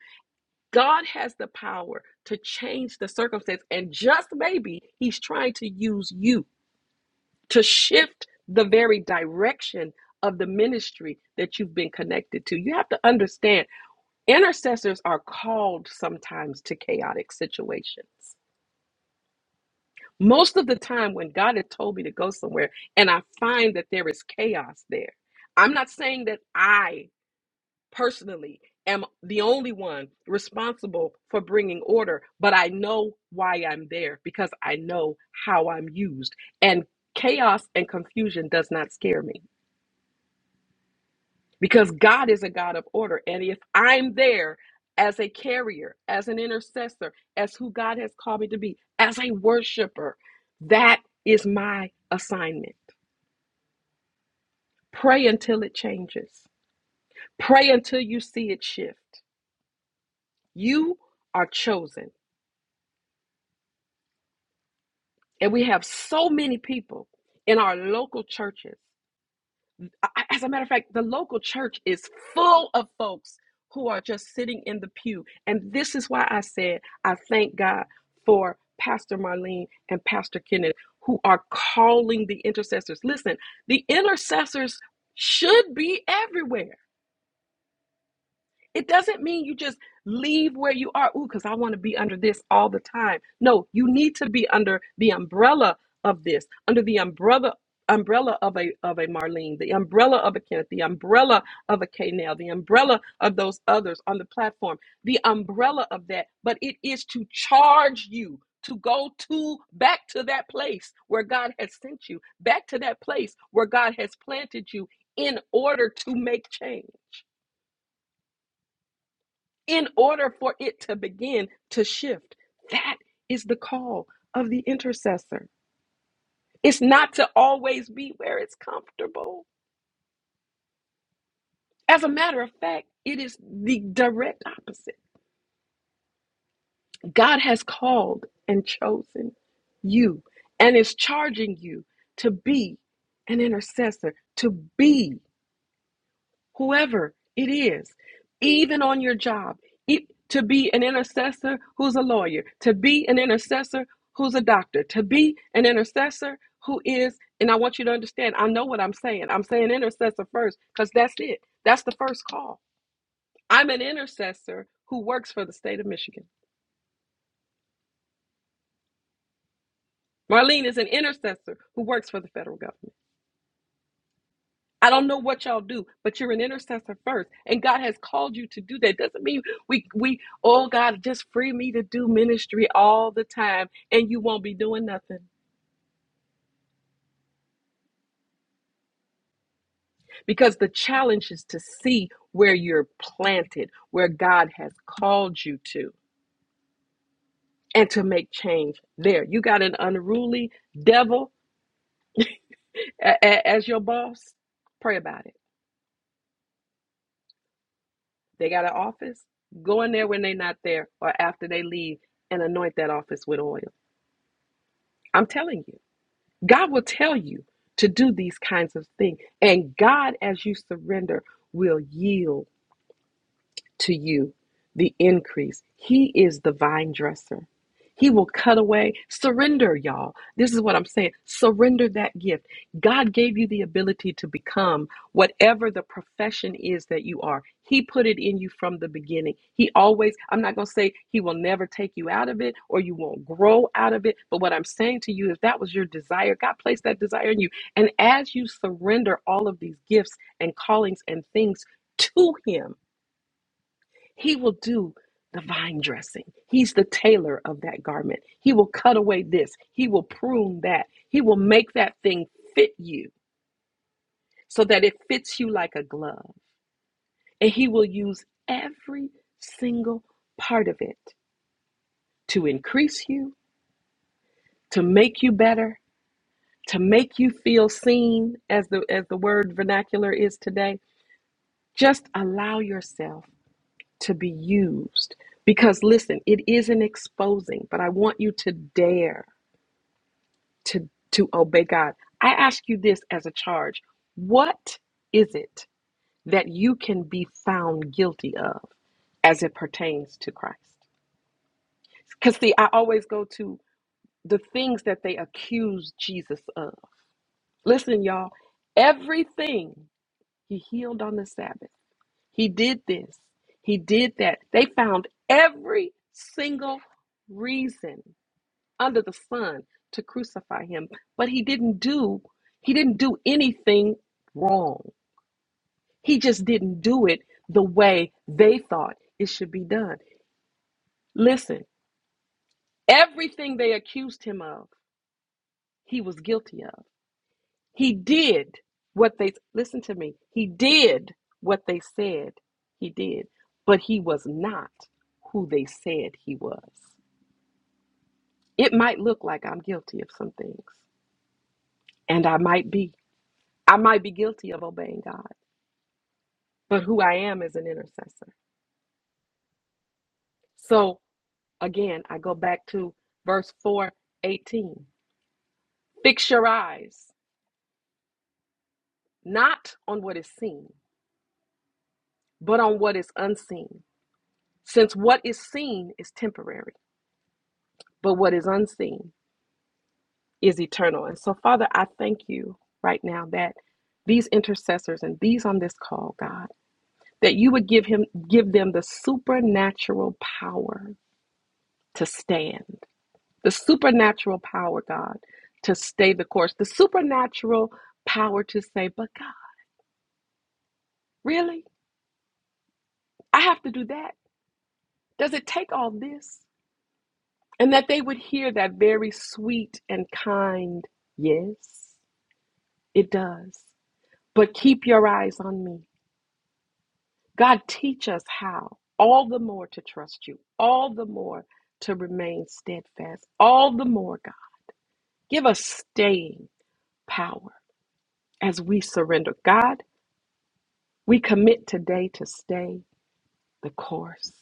S4: god has the power to change the circumstance and just maybe he's trying to use you to shift the very direction of the ministry that you've been connected to you have to understand intercessors are called sometimes to chaotic situations Most of the time, when God had told me to go somewhere and I find that there is chaos there, I'm not saying that I personally am the only one responsible for bringing order, but I know why I'm there because I know how I'm used. And chaos and confusion does not scare me because God is a God of order. And if I'm there as a carrier, as an intercessor, as who God has called me to be, as a worshiper, that is my assignment. Pray until it changes, pray until you see it shift. You are chosen. And we have so many people in our local churches. as a matter of fact, the local church is full of folks who are just sitting in the pew. And this is why I said, I thank God for Pastor Marlene and Pastor Kenneth who are calling the intercessors. Listen, the intercessors should be everywhere. It doesn't mean you just leave where you are. Ooh, because I want to be under this all the time. No, you need to be under the umbrella of this, under the umbrella umbrella of a of a Marlene, the umbrella of a Kenneth, the umbrella of a Knell, the umbrella of those others on the platform, the umbrella of that. But it is to charge you to go to back to that place where God has sent you, back to that place where God has planted you in order to make change in order for it to begin to shift. That is the call of the intercessor. It's not to always be where it's comfortable. As a matter of fact, it is the direct opposite. God has called and chosen you and is charging you to be an intercessor, to be whoever it is, even on your job, e- to be an intercessor who's a lawyer, to be an intercessor who's a doctor, to be an intercessor who is, and I want you to understand, I know what I'm saying. I'm saying intercessor first because that's it. That's the first call. I'm an intercessor who works for the state of Michigan. Marlene is an intercessor who works for the federal government. I don't know what y'all do, but you're an intercessor first, and God has called you to do that. Doesn't mean we we oh God just free me to do ministry all the time, and you won't be doing nothing because the challenge is to see where you're planted, where God has called you to, and to make change there. You got an unruly devil a- a- as your boss. Pray about it. They got an office. Go in there when they're not there, or after they leave, and anoint that office with oil. I'm telling you. God will tell you to do these kinds of things. And God, as you surrender, will yield to you the increase. He is the vine dresser. He will cut away. Surrender, y'all. This is what I'm saying. Surrender that gift. God gave you the ability to become whatever the profession is that you are. He put it in you from the beginning. He always, I'm not going to say He will never take you out of it or you won't grow out of it. But what I'm saying to you, if that was your desire, God placed that desire in you. And as you surrender all of these gifts and callings and things to Him, he will do the vine dressing. He's the tailor of that garment. He will cut away this. He will prune that. He will make that thing fit you so that it fits you like a glove. And He will use every single part of it to increase you, to make you better, to make you feel seen as the as the word vernacular is today. Just allow yourself to be used because listen, it isn't exposing, but I want you to dare to to obey God. I ask you this as a charge. What is it that you can be found guilty of as it pertains to Christ? Cuz see, I always go to the things that they accuse Jesus of. Listen, y'all, everything he healed on the Sabbath. He did this. He did that. They found every single reason under the sun to crucify him but he didn't do he didn't do anything wrong he just didn't do it the way they thought it should be done listen everything they accused him of he was guilty of he did what they listen to me he did what they said he did but he was not who they said he was it might look like i'm guilty of some things and i might be I might be guilty of obeying God. but who I am is an intercessor. So again, I go back to verse 4, 18. Fix your eyes not on what is seen, but on what is unseen, since what is seen is temporary, but what is unseen is eternal. And so, Father, I thank you right now that these intercessors and these on this call, God, that you would give him give them the supernatural power to stand the supernatural power, God, to stay the course, the supernatural power to say, but God, really? I have to do that? Does it take all this? And that they would hear that very sweet and kind, yes, it does. But keep your eyes on me. God, teach us how, all the more to trust you, all the more to remain steadfast, all the more, God. Give us staying power as we surrender. God, We commit today to stay the course,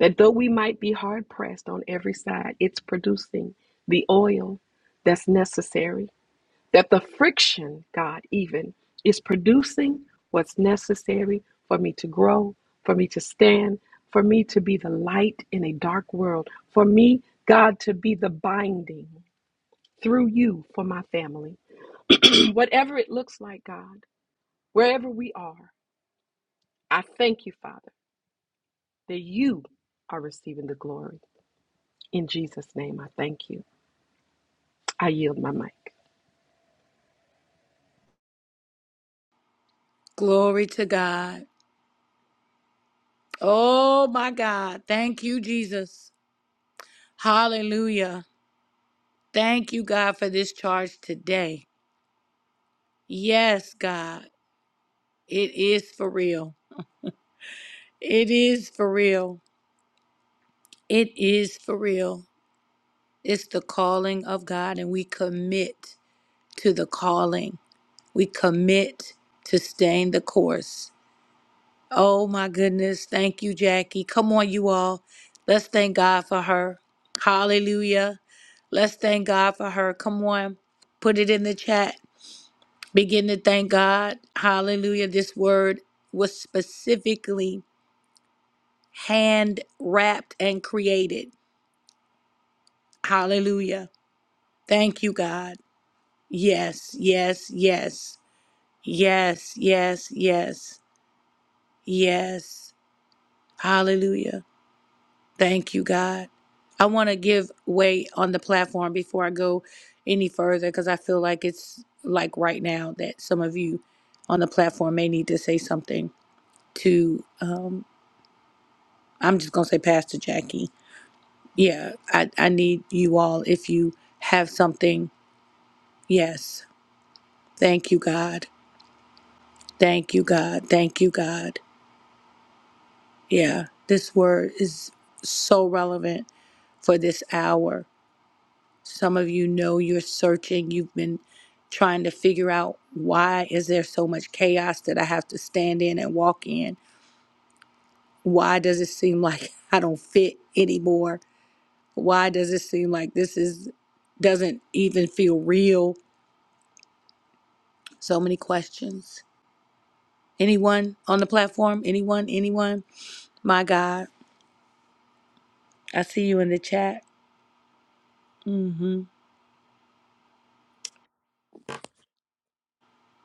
S4: that though we might be hard pressed on every side, it's producing the oil that's necessary, that the friction, God, even is producing what's necessary for me to grow, for me to stand, for me to be the light in a dark world, for me, God, to be the binding through you for my family. Whatever it looks like, God, wherever we are, I thank you, Father that you are receiving the glory. In Jesus' name, I thank you. I yield my mic.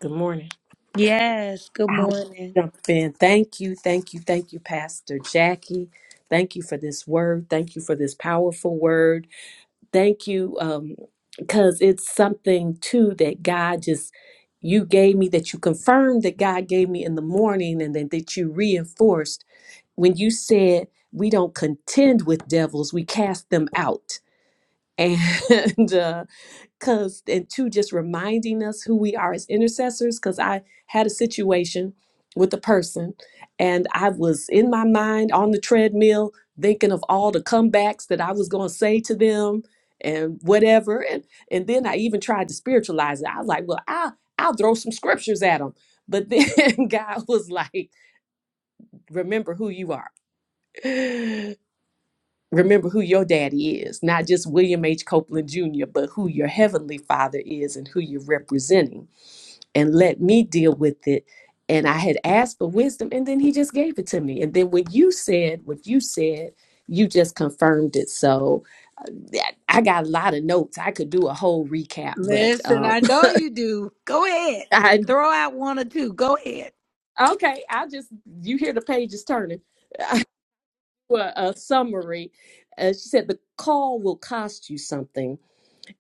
S2: Good morning. I'll jump in. Thank you, thank you, thank you, Pastor Jackie. Thank you for this word. Thank you for this powerful word. Thank you. Um, because it's something too that God just you gave me that you confirmed that God gave me in the morning and then that you reinforced when you said we don't contend with devils, we cast them out. And uh, because and two just reminding us who we are as intercessors because i had a situation with a person and i was in my mind on the treadmill thinking of all the comebacks that i was going to say to them and whatever and and then i even tried to spiritualize it i was like well i'll i'll throw some scriptures at them but then god was like remember who you are remember who your daddy is, not just William H. Copeland Jr., but who your heavenly father is and who you're representing. And let me deal with it. And I had asked for wisdom, and then he just gave it to me. And then when you said what you said, you just confirmed it. So yeah, I got a lot of notes. I could do a whole recap, but um, I okay. I'll just you hear the pages turning. Well, a summary. Uh, she said the call will cost you something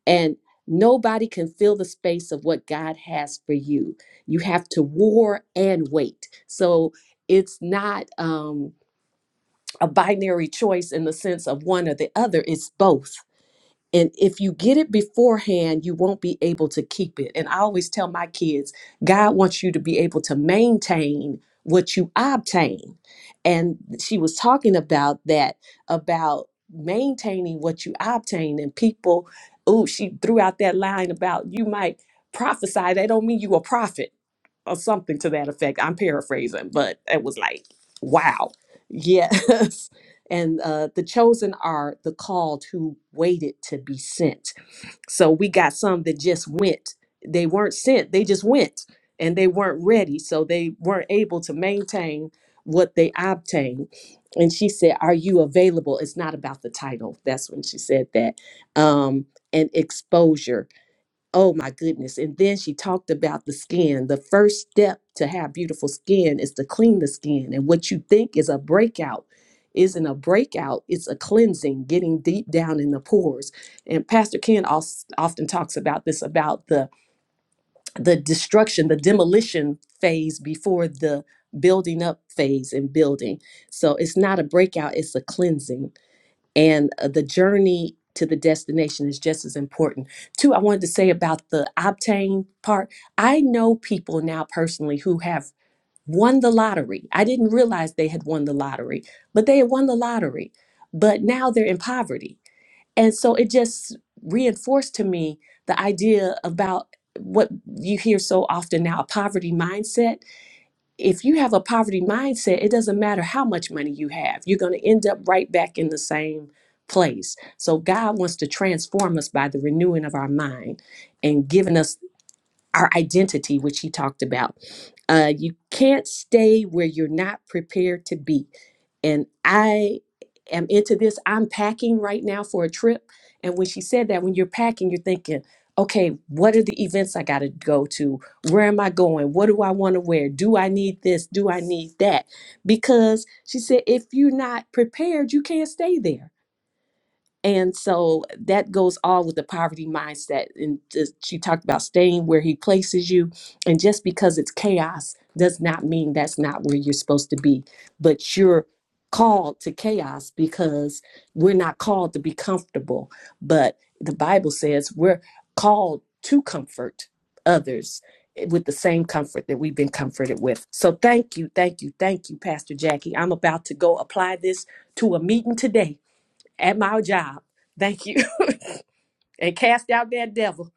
S2: And nobody can fill the space of what God has for you. You have to war and wait. So it's not um, a binary choice in the sense of one or the other, it's both. And if you get it beforehand, you won't be able to keep it. And I always tell my kids, God wants you to be able to maintain what you obtain. And she was talking about that, about maintaining what you obtain. And people, oh, she threw out that line about you might prophesy. That don't mean you a prophet or something to that effect. I'm paraphrasing, but it was like, wow. Yes. and uh, the chosen are the called who waited to be sent. So we got some that just went. They weren't sent, they just went and they weren't ready. So they weren't able to maintain what they obtained. And she said, Are you available? It's not about the title. That's when she said that. Um, and exposure. Oh my goodness. And then she talked about the skin. The first step to have beautiful skin is to clean the skin. And what you think is a breakout isn't a breakout, it's a cleansing, getting deep down in the pores. And Pastor Ken als- often talks about this about the the destruction, the demolition phase before the building up phase and building. So it's not a breakout, it's a cleansing and uh, the journey to the destination is just as important. Two, I wanted to say about the obtain part. I know people now personally who have won the lottery. I didn't realize they had won the lottery, but they had won the lottery. But now they're in poverty. And so it just reinforced to me the idea about what you hear so often now a poverty mindset if you have a poverty mindset, it doesn't matter how much money you have, you're going to end up right back in the same place. So, God wants to transform us by the renewing of our mind and giving us our identity, which he talked about. Uh, you can't stay where you're not prepared to be. And I am into this. I'm packing right now for a trip. And when she said that, when you're packing, you're thinking, okay, what are the events I got to go to? Where am I going? What do I want to wear? Do I need this? Do I need that? Because she said, if you're not prepared, you can't stay there and so that goes all with the poverty mindset. And just, she talked about staying where he places you. And just because it's chaos does not mean that's not where you're supposed to be. But you're called to chaos because we're not called to be comfortable. But the Bible says we're called to comfort others eh, with the same comfort that we've been comforted with. So thank you, thank you, thank you, Pastor Jackie. I'm about to go apply this to a meeting today at my job. Thank you. and cast out that devil.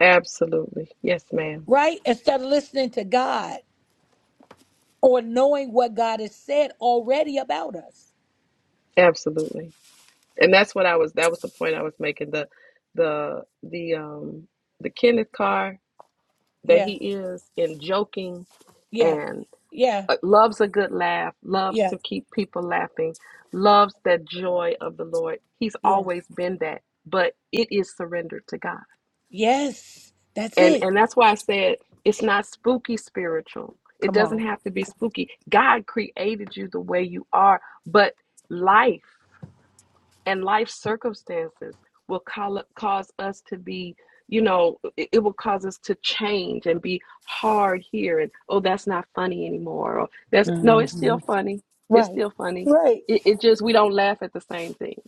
S4: Absolutely. Yes, ma'am. Absolutely. And that's what I was that was the point I was making. The the the um the Kenneth Carr that he is in joking and uh, loves a good laugh, loves to keep people laughing, loves that joy of the Lord. He's always been that, but it is surrendered to God. and and that's why i said it's not spooky spiritual it doesn't have to be spooky god created you the way you are but life and life circumstances will call, cause us to be you know it, it will cause us to change and be hard here and oh that's not funny anymore or that's no it's still funny it's still funny it, it just we don't laugh at the same things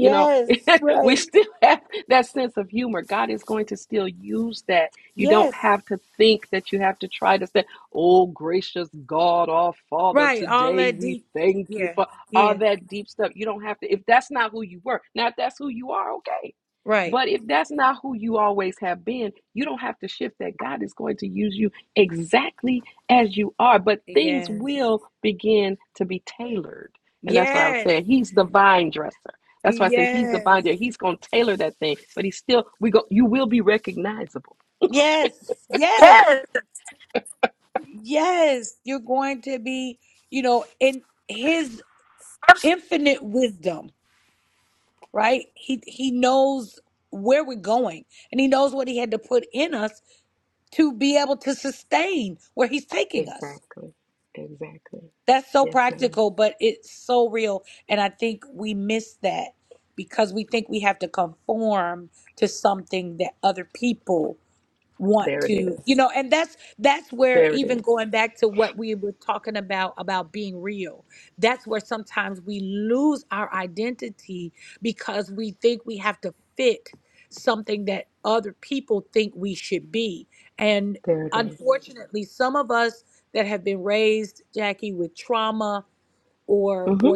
S4: you know we still have that sense of humor god is going to still use that you don't have to think that you have to try to say oh gracious god our father today we thank you for all that deep stuff. You don't have to, if that's not who you were. Now, if that's who you are, okay. But if that's not who you always have been, you don't have to shift that. God is going to use you exactly as you are, but things will begin to be tailored. And that's what I was saying. He's the vine dresser. That's why I say he's the vine dresser. He's going to tailor that thing, but he's still, we go, you will be recognizable. Exactly. Exactly. Yes, ma'am. There it is. There it is. There it is. Mm-hmm.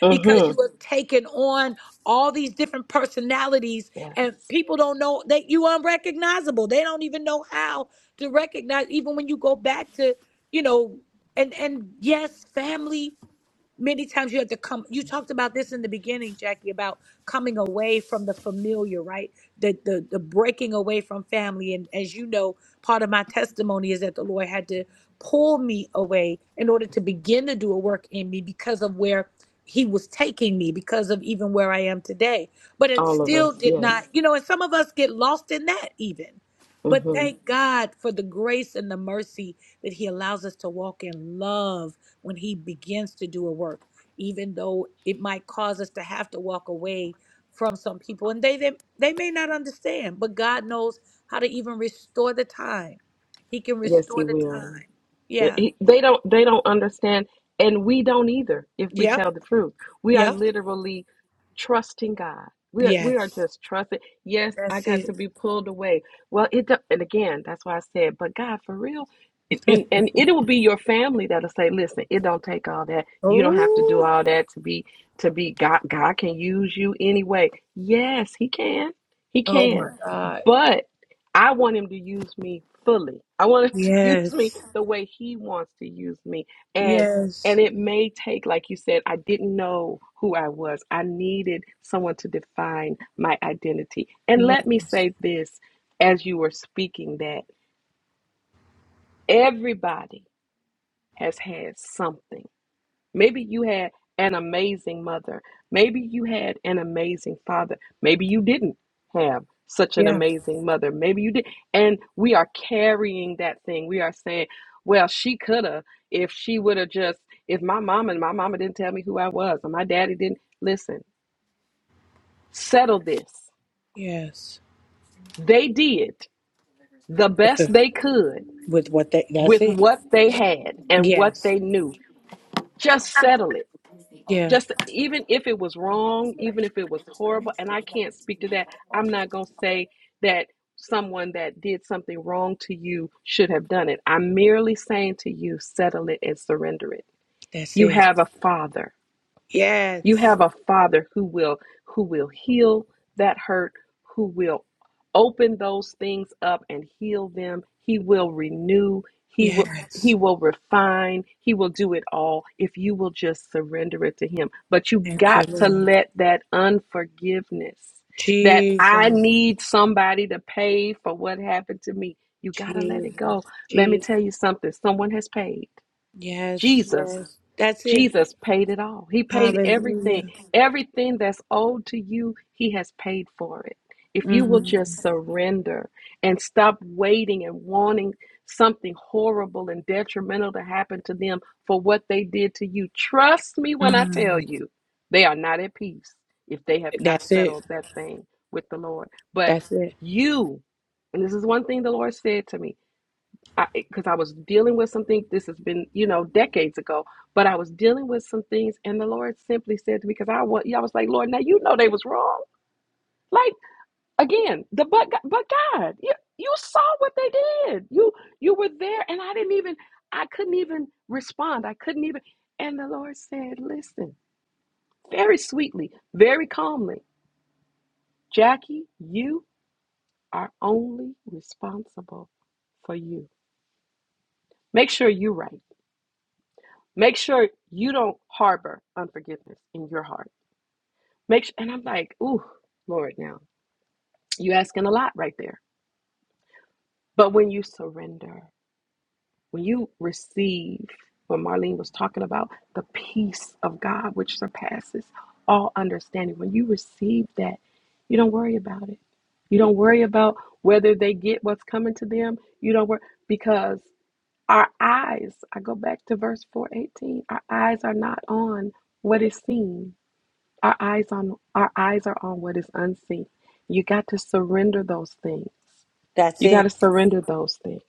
S4: Mm-hmm. Yes, all of us. Yes, hmm yes, He will. Yeah, He, they don't. They don't understand, and we don't either. If we tell the truth, we are literally trusting God. We are. We are just trusting. Yes, I got to be pulled away. Well, it. do And again, that's why I said, but God, for real. And, and and it will be your family that'll say, "Listen, it don't take all that. You don't have to do all that to be to be God. God can use you anyway. Yes, He can. He can. But I want him to use me fully. I want him to use me the way he wants to use me. And and it may take like you said I didn't know who I was. I needed someone to define my identity. And let me say this as you were speaking that everybody has had something. Maybe you had an amazing mother. Maybe you had an amazing father. Maybe you didn't have such an amazing mother. Maybe you did. And we are carrying that thing. We are saying, well, she could have if she would have just, if my mom and my mama didn't tell me who I was and my daddy didn't. Listen, settle this. They did the best they could with what they had and what they knew. Just settle it Just even if it was wrong, even if it was horrible, and I can't speak to that, I'm not going to say that someone that did something wrong to you should have done it. I'm merely saying to you, settle it and surrender it. You have a father. You have a father who will who will heal that hurt, who will open those things up and heal them. He will renew, he will he will refine, he will do it all if you will just surrender it to him. But you got to let that unforgiveness that I need somebody to pay for what happened to me. You got to let it go. Let me tell you something. Someone has paid. Jesus, Jesus paid it all. He paid everything. Everything that's owed to you, He has paid for it. If you will just surrender and stop waiting and wanting something horrible and detrimental to happen to them for what they did to you, trust me when I tell you, they are not at peace if they have not settled that thing with the Lord. But you, and this is one thing the Lord said to me because I I was dealing with something. This has been, you know, decades ago, but I was dealing with some things, and the Lord simply said to me, because I was, I was like, Lord, now you know they was wrong. Like again, the but Go- but God, you you saw what they did. You you were there, and I didn't even, I couldn't even respond. I couldn't even. And the Lord said, listen, very sweetly, very calmly, Jackie, you are only responsible for you. Make sure you're right Make sure you don't harbor unforgiveness in your heart. Make sure, and I'm like, ooh, Lord, now you asking a lot right there. But when you surrender, when you receive what Marlene was talking about, the peace of God which surpasses all understanding, when you receive that, you don't worry about it. You don't worry about whether they get what's coming to them. You don't worry because our eyes, I go back to verse 418, our eyes are not on what is seen Our eyes on our eyes are on what is unseen. You got to surrender those things. You got to surrender those things.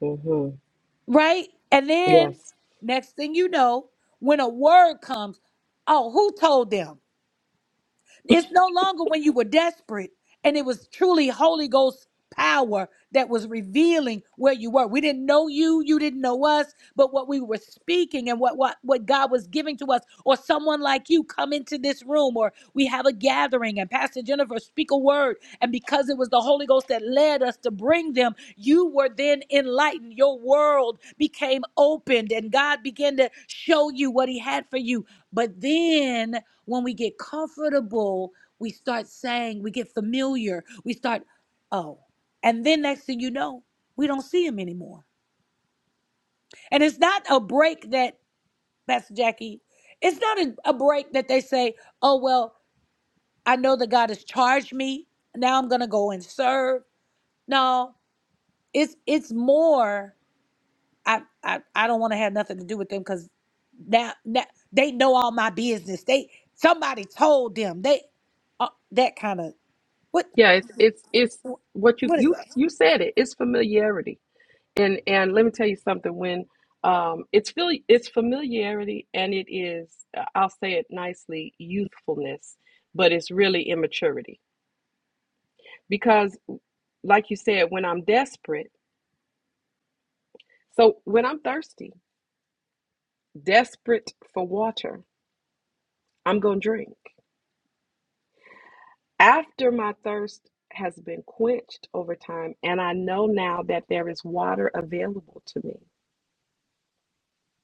S4: hmm Yes. Yeah, it's it's it's what you you you said it. It's familiarity. And and let me tell you something. When um, it's feel it's familiarity, and it is uh, I'll say it nicely, youthfulness, but it's really immaturity. Because like you said, when I'm desperate, so when I'm thirsty, desperate for water, I'm gonna drink. After my thirst has been quenched over time, and I know now that there is water available to me,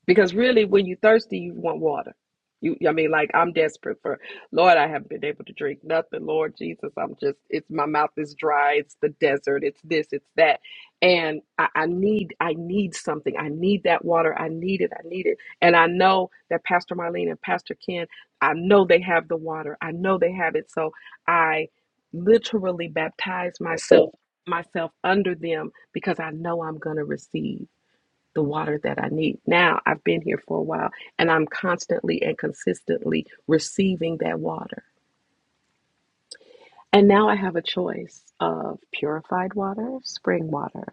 S4: because really, when you're thirsty, you want water. You, I mean, like I'm desperate for, Lord, I haven't been able to drink nothing. Lord Jesus, I'm just, it's my mouth is dry. It's the desert. It's this. It's that. And I, I need, I need something. I need that water. I need it. I need it. And I know that Pastor Marlene and Pastor Ken, I know they have the water. I know they have it. So I literally baptize myself myself under them because I know I'm going to receive the water that I need. Now I've been here for a while and I'm constantly and consistently receiving that water. And now I have a choice of purified water, spring water,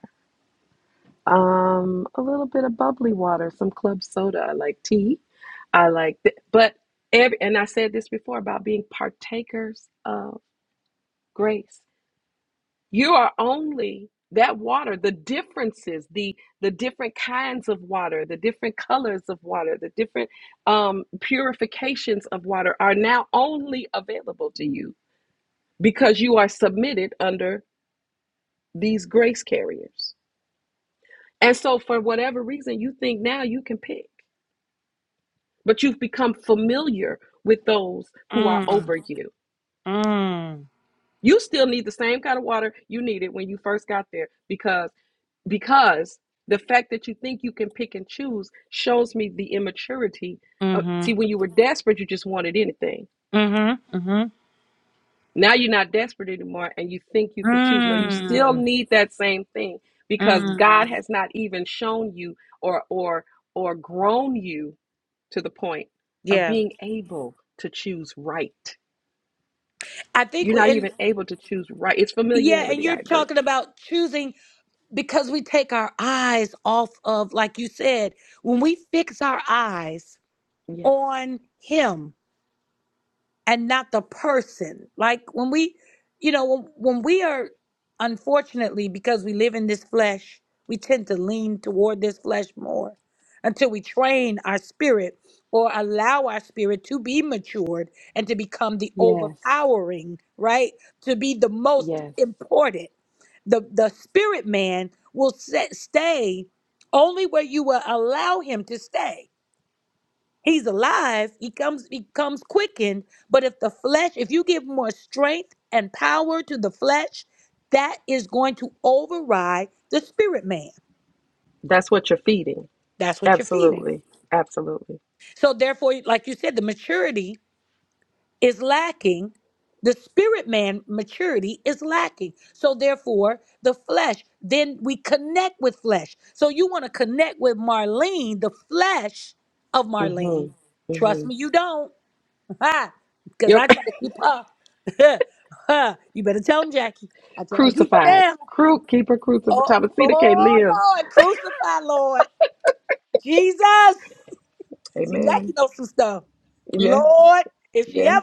S4: um, a little bit of bubbly water, some club soda. I like tea. I like, th- but every, and I said this before about being partakers of grace. you are only that water the differences the the different kinds of water the different colors of water the different um, purifications of water are now only available to you because you are submitted under these grace carriers and so for whatever reason you think now you can pick but you've become familiar with those who are over you
S1: Mm,
S4: you still need the same kind of water you needed when you first got there because because the fact that you think you can pick and choose shows me the immaturity of,
S1: mm-hmm,
S4: see when you were desperate you just wanted anything
S1: mm-hmm, mm-hmm,
S4: now you're not desperate anymore and you think you can choose no you still
S1: mm,
S4: need that same thing because god
S1: mm.
S4: has not even shown you or or or grown you to the point
S1: Yeah,
S4: of being able to choose right you're not even able to choose right it's familiarity i agree yeah yes yes that's what you're feeding Absolutely. Absolutely. Mm-hmm. Mm-hmm. Yep. Crucified. Cru- keep her crucified. Thomasita can't live. Amen. Yes. Yes.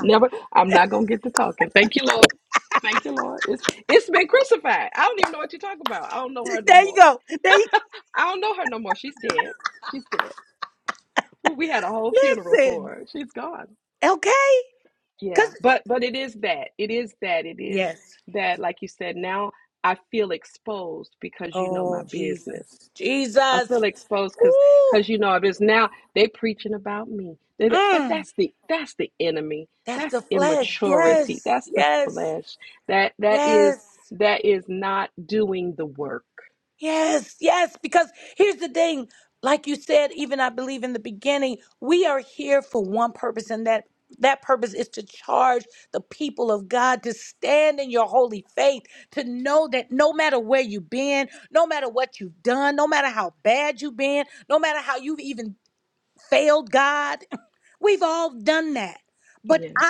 S4: Never. I'm not gonna get to talking. Thank you, Lord. Thank you, Lord. It's it's been crucified. I don't even know what you're talking about. I don't know her no more. I don't know her no more. She's dead. She's dead. Well, we had a whole funeral for her. She's gone. Yeah, but but it is that. It is that. It is that. Like you said, now I feel exposed because you know my business. I feel exposed because because you know it is now they preaching about me. They- but that's the that's the enemy. That's immaturity. That's the flesh. That that is that is not doing the work. Yes.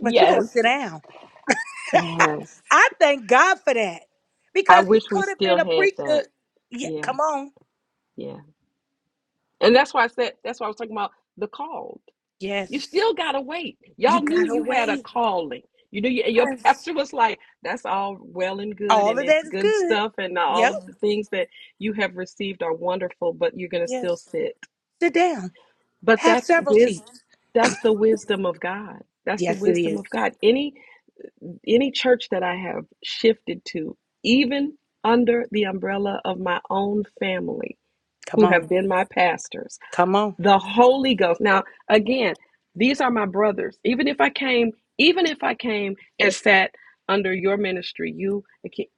S4: Yes, yes. I wish we still had that. Yeah, yeah. And that's why I said that's why I was talking about the call. You still gotta wait. Y'all knew you had a calling. You knew you, your pastor was like, "That's all well and good, and it's good stuff, and all of the things that you have received are wonderful, but you're gonna still sit." But that's wis, that's the wisdom of God. That's the wisdom of God. Any any church that I have shifted to, even under the umbrella of my own family, who have been my pastors the Holy Ghost. Now, again, these are my brothers. Even if I came, even if I came and sat under your ministry, you,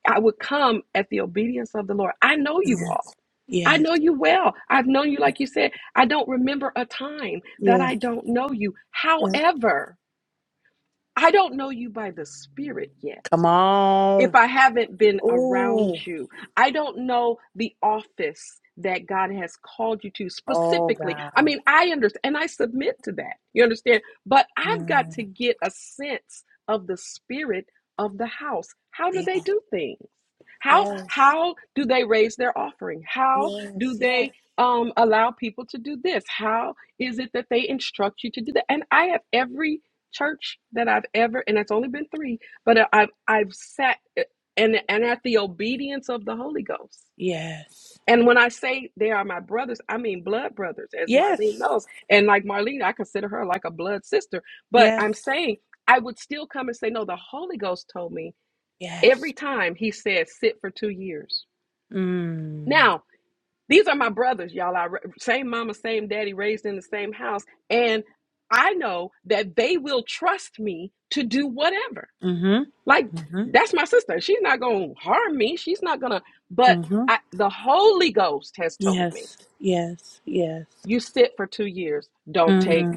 S4: I would come at the obedience of the Lord. I know you all. I know you well. I've known you, like you said. I don't remember a time that I don't know you. However, I don't know you by the Spirit yet if I haven't been around you. I don't know the office that God has called you to specifically. I mean, I understand and I submit to that. You understand? But I've got to get a sense of the spirit of the house. How do they do things? How how do they raise their offering? How do they um, allow people to do this? How is it that they instruct you to do that? And I have every church that I've ever, and it's only been three, but I- have I've sat eh, and and at the obedience of the Holy Ghost. And when I say they are my brothers, I mean blood brothers, as Marlene knows. And like Marlene, I consider her like a blood sister. But I'm saying I would still come and say, no, the Holy Ghost told me every time he said, sit for two years. Now, these are my brothers, y'all. I, same mama, same daddy, raised in the same house. And I know that they will trust me to do whatever. Like that's my sister. She's not going to harm me. She's not going to but I, the Holy Ghost has told me, you sit for 2 years. Don't take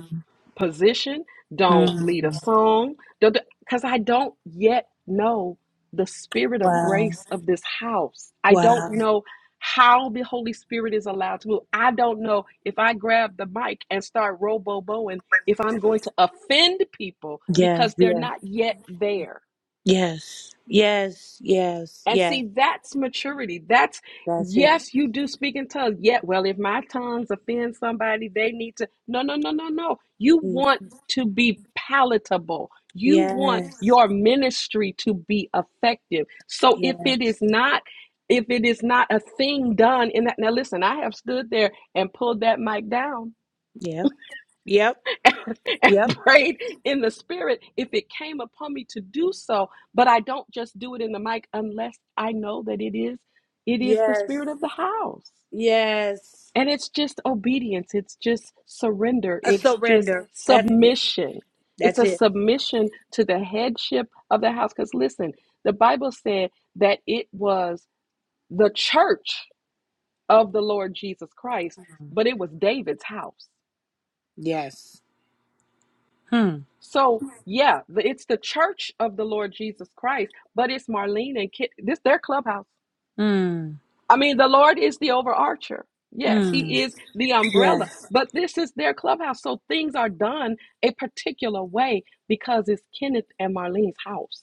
S4: position, don't lead a song, don't cuz I don't yet know the spirit of grace of this house. I don't know how the Holy Spirit is allowed to move. I don't know if I grab the mic and start robo bowing if I'm going to offend people because they're not yet there And see, that's maturity. That's yes, you do speak in tongues. Yet, well, if my tongues offend somebody, they need to. No, no, no, no, no. You want to be palatable. You want your ministry to be effective. So if it is not, if it is not a thing done in that. Now, listen, I have stood there and pulled that mic down and prayed in the spirit if it came upon me to do so but i don't just do it in the mic unless i know that it is it is the spirit of the house and it's just obedience it's just surrender it's just submission it's a submission to the headship of the house because listen the bible said that it was the church of the lord jesus christ but it was david's house So yeah, the, it's the church of the Lord Jesus Christ, but it's Marlene and Kit. This their clubhouse. I mean, the Lord is the overarcher. Yes, He is the umbrella, but this is their clubhouse. So things are done a particular way because it's Kenneth and Marlene's house.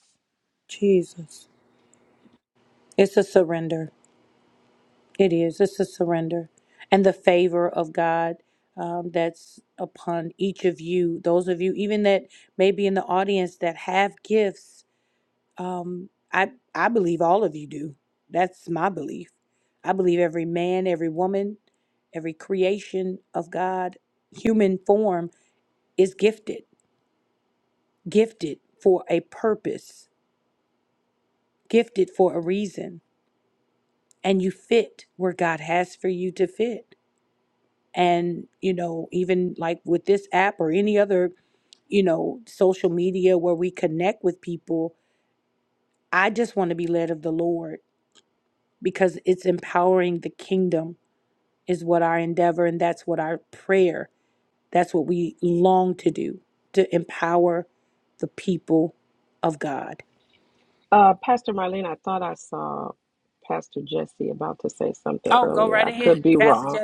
S4: Uh, Pastor Marlene, I thought I saw Pastor Jesse about to say something earlier. I could be wrong.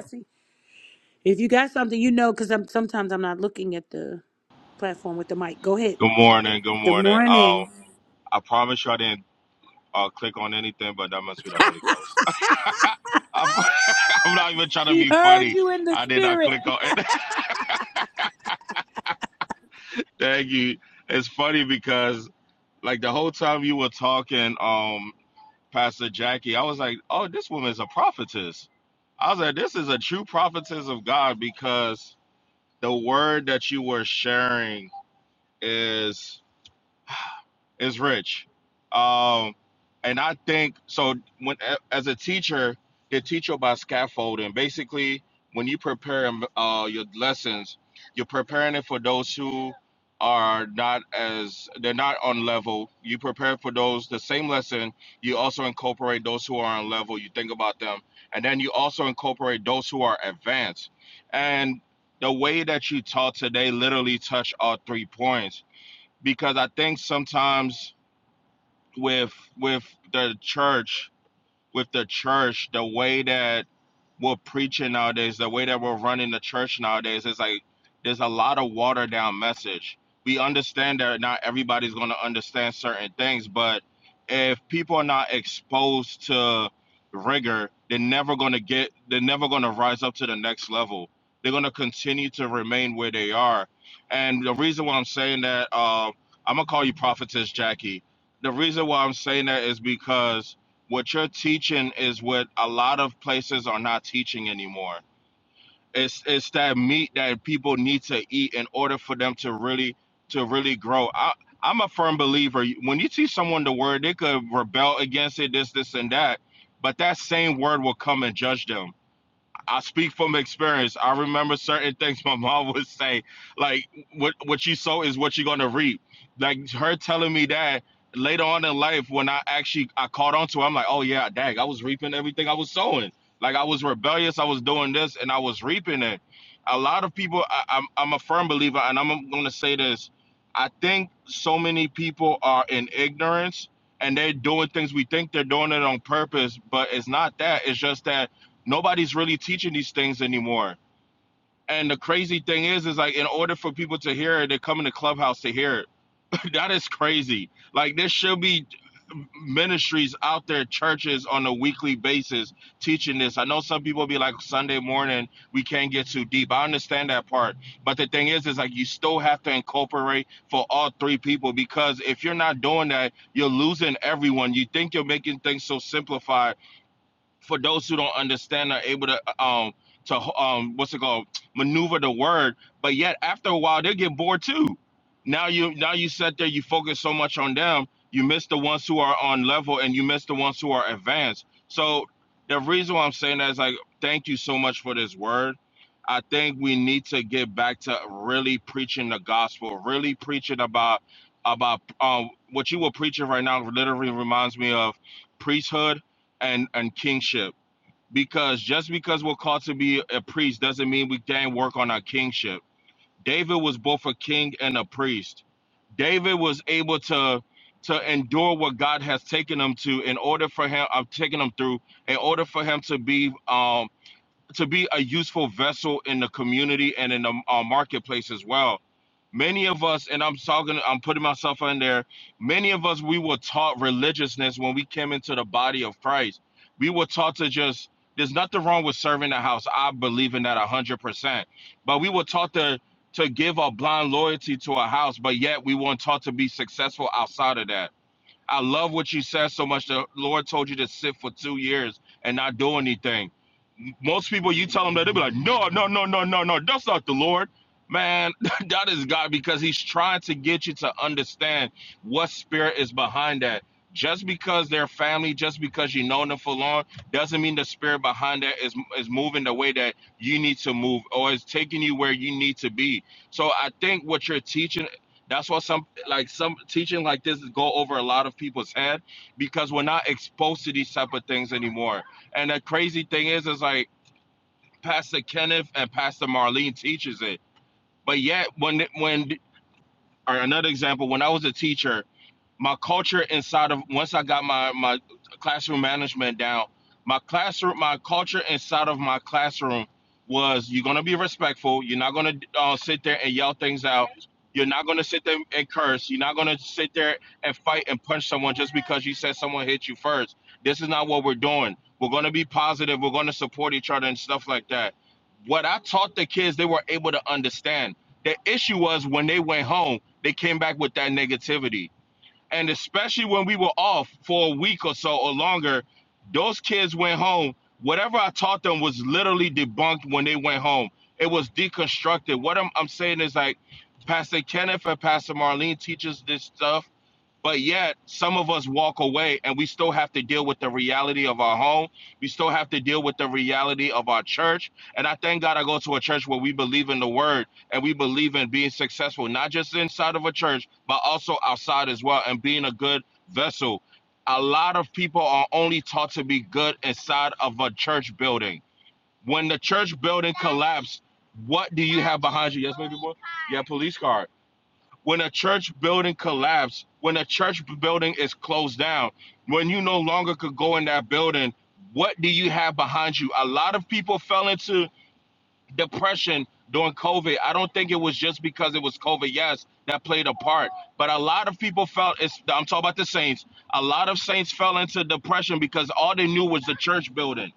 S7: Good morning. Good morning. Um, I promise you I didn't uh, click on anything, but that must be the Holy Ghost. I'm, I'm not even trying to be funny. I did not click on it. Thank you. It's funny because like the whole time you were talking, um, Pastor Jackie, I was like, oh, this woman's a prophetess. I was like, this is a true prophetess of God because the word that you were sharing is. is rich. Um, and I think so. When as a teacher, they teach you about scaffolding. Basically, when you prepare um, uh, your lessons, you're preparing it for those who are not as they're not on level. You prepare for those the same lesson. You also incorporate those who are on level. You think about them, and then you also incorporate those who are advanced. And the way that you taught today literally touched all three points because I think sometimes with with the church with the church, the way that we're preaching nowadays, the way that we're running the church nowadays, is like there's a lot of watered down message. We understand that not everybody's going to understand certain things, but if people are not exposed to rigor, they're never going to get, they're never going to rise up to the next level. They're going to continue to remain where they are. And the reason why I'm saying that, uh, I'm going to call you prophetess Jackie. The reason why I'm saying that is because what you're teaching is what a lot of places are not teaching anymore. It's it's that meat that people need to eat in order for them to really to really grow. I I'm a firm believer. When you teach someone the word, they could rebel against it, this, this, and that. But that same word will come and judge them. I speak from experience. I remember certain things my mom would say, like what what you sow is what you're gonna reap. Like her telling me that later on in life, when I actually I caught on to it, I'm like, oh yeah, dang, I was reaping everything I was sowing. Like I was rebellious, I was doing this, and I was reaping it. A lot of people, I, I'm I'm a firm believer, and I'm gonna say this. I think so many people are in ignorance, and they're doing things we think they're doing it on purpose, but it's not that. It's just that nobody's really teaching these things anymore. And the crazy thing is, is like in order for people to hear it, they come in the clubhouse to hear it. that is crazy. Like there should be ministries out there, churches on a weekly basis teaching this. I know some people be like Sunday morning, we can't get too deep. I understand that part. But the thing is, is like you still have to incorporate for all three people because if you're not doing that, you're losing everyone. You think you're making things so simplified for those who don't understand are able to um to um what's it called maneuver the word but yet after a while they get bored too now you now you sit there you focus so much on them you miss the ones who are on level and you miss the ones who are advanced so the reason why i'm saying that is like thank you so much for this word i think we need to get back to really preaching the gospel really preaching about about um what you were preaching right now literally reminds me of priesthood and and kingship because just because we're called to be a priest doesn't mean we can't work on our kingship david was both a king and a priest david was able to to endure what god has taken him to in order for him i've taken him through in order for him to be um to be a useful vessel in the community and in the uh, marketplace as well. Many of us, and I'm talking, I'm putting myself in there. Many of us, we were taught religiousness when we came into the body of Christ. We were taught to just. There's nothing wrong with serving the house. I believe in that a hundred percent. But we were taught to to give a blind loyalty to a house, but yet we weren't taught to be successful outside of that. I love what you said so much. The Lord told you to sit for two years and not do anything most people you tell them that they'll be like no no no no no no that's not the lord man that is god because he's trying to get you to understand what spirit is behind that just because they're family just because you know them for long doesn't mean the spirit behind that is is moving the way that you need to move or is taking you where you need to be so i think what you're teaching that's what some like some teaching like this go over a lot of people's head because we're not exposed to these type of things anymore and the crazy thing is, is like Pastor Kenneth and Pastor Marlene teaches it. But yet, when when or another example, when I was a teacher, my culture inside of once I got my my classroom management down, my classroom my culture inside of my classroom was you're gonna be respectful. You're not gonna uh, sit there and yell things out. You're not gonna sit there and curse. You're not gonna sit there and fight and punch someone just because you said someone hit you first. This is not what we're doing. We're gonna be positive. We're gonna support each other and stuff like that. What I taught the kids, they were able to understand. The issue was when they went home, they came back with that negativity and especially when we were off for a week or so or longer, those kids went home. Whatever I taught them was literally debunked when they went home. It was deconstructed. What I'm, I'm saying is like Pastor Kenneth and Pastor Marlene teaches this stuff but yet, some of us walk away and we still have to deal with the reality of our home. We still have to deal with the reality of our church. And I thank God I go to a church where we believe in the word and we believe in being successful, not just inside of a church, but also outside as well and being a good vessel. A lot of people are only taught to be good inside of a church building. When the church building collapsed, what do you have behind you? Yes, baby boy? Yeah, police car when a church building collapsed, when a church building is closed down, when you no longer could go in that building, what do you have behind you? A lot of people fell into depression during COVID. I don't think it was just because it was COVID, yes, that played a part, but a lot of people felt it's I'm talking about the saints. A lot of saints fell into depression because all they knew was the church building.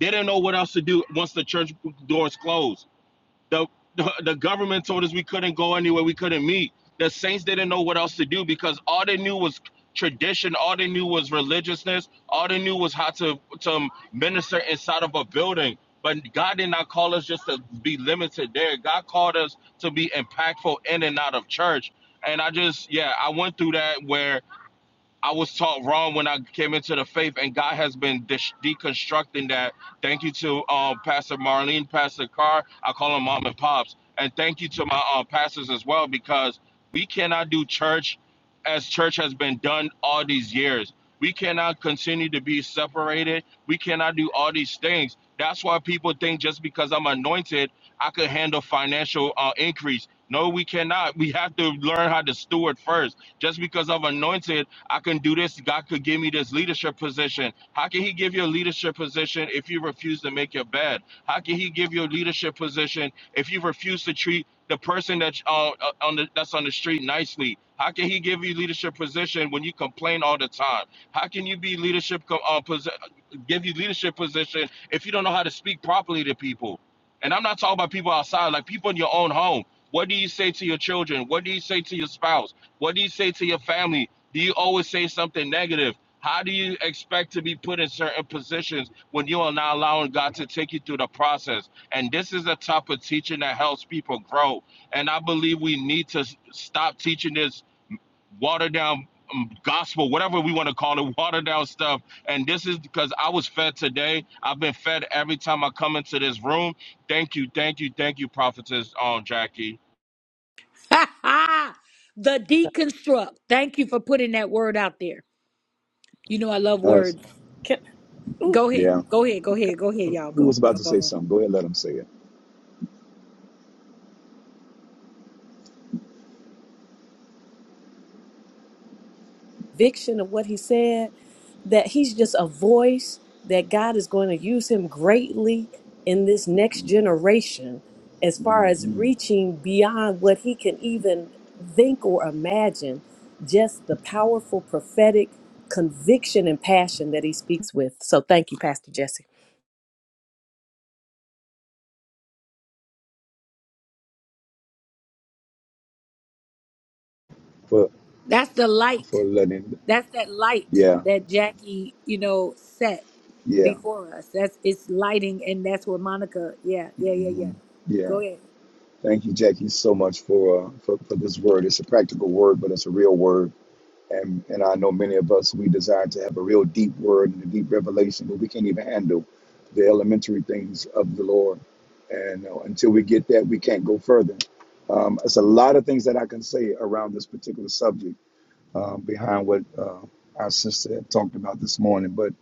S7: They didn't know what else to do once the church doors closed the, the the government told us we couldn't go anywhere, we couldn't meet. The saints didn't know what else to do because all they knew was tradition, all they knew was religiousness, all they knew was how to to minister inside of a building. But God did not call us just to be limited there. God called us to be impactful in and out of church. And I just, yeah, I went through that where I was taught wrong when I came into the faith, and God has been dis- deconstructing that. Thank you to um, Pastor Marlene, Pastor Carr. I call them mom and pops. And thank you to my um, pastors as well, because we cannot do church as church has been done all these years. We cannot continue to be separated. We cannot do all these things. That's why people think just because I'm anointed, I could handle financial uh, increase. No, we cannot. We have to learn how to steward first. Just because I'm anointed, I can do this. God could give me this leadership position. How can He give you a leadership position if you refuse to make your bed? How can He give you a leadership position if you refuse to treat the person that's uh, uh, on the that's on the street nicely? How can He give you leadership position when you complain all the time? How can you be leadership co- uh, posi- give you leadership position if you don't know how to speak properly to people. And I'm not talking about people outside, like people in your own home. What do you say to your children? What do you say to your spouse? What do you say to your family? Do you always say something negative? How do you expect to be put in certain positions when you are not allowing God to take you through the process? And this is a type of teaching that helps people grow. And I believe we need to s- stop teaching this watered down um, gospel, whatever we want to call it, watered down stuff. And this is because I was fed today. I've been fed every time I come into this room. Thank you, thank you, thank you, prophetess um, Jackie.
S8: Us.
S2: Can, ooh,
S8: Yeah. Who was about to say something? Go ahead, let him say it.
S2: conviction of what he said, that he's just a voice, that God is going to use him greatly in this next generation as far as
S8: hmm
S2: reaching beyond what he can even think or imagine. Just the powerful prophetic conviction and passion that he speaks with. So thank you, Pastor Jesse.
S8: For for letting. Yeah. Yeah. hmm Yeah. Thank you, Jackie, so much for, uh, for for this word. It's a practical word, but it's a real word. And and I know many of us we desire to have a real deep word and a deep revelation, but we can't even handle the elementary things of the Lord. And uh, until we get that, we can't go further. Um, it's a lot of things that I can say around this particular subject uh, behind what uh, our sister had talked about this morning. But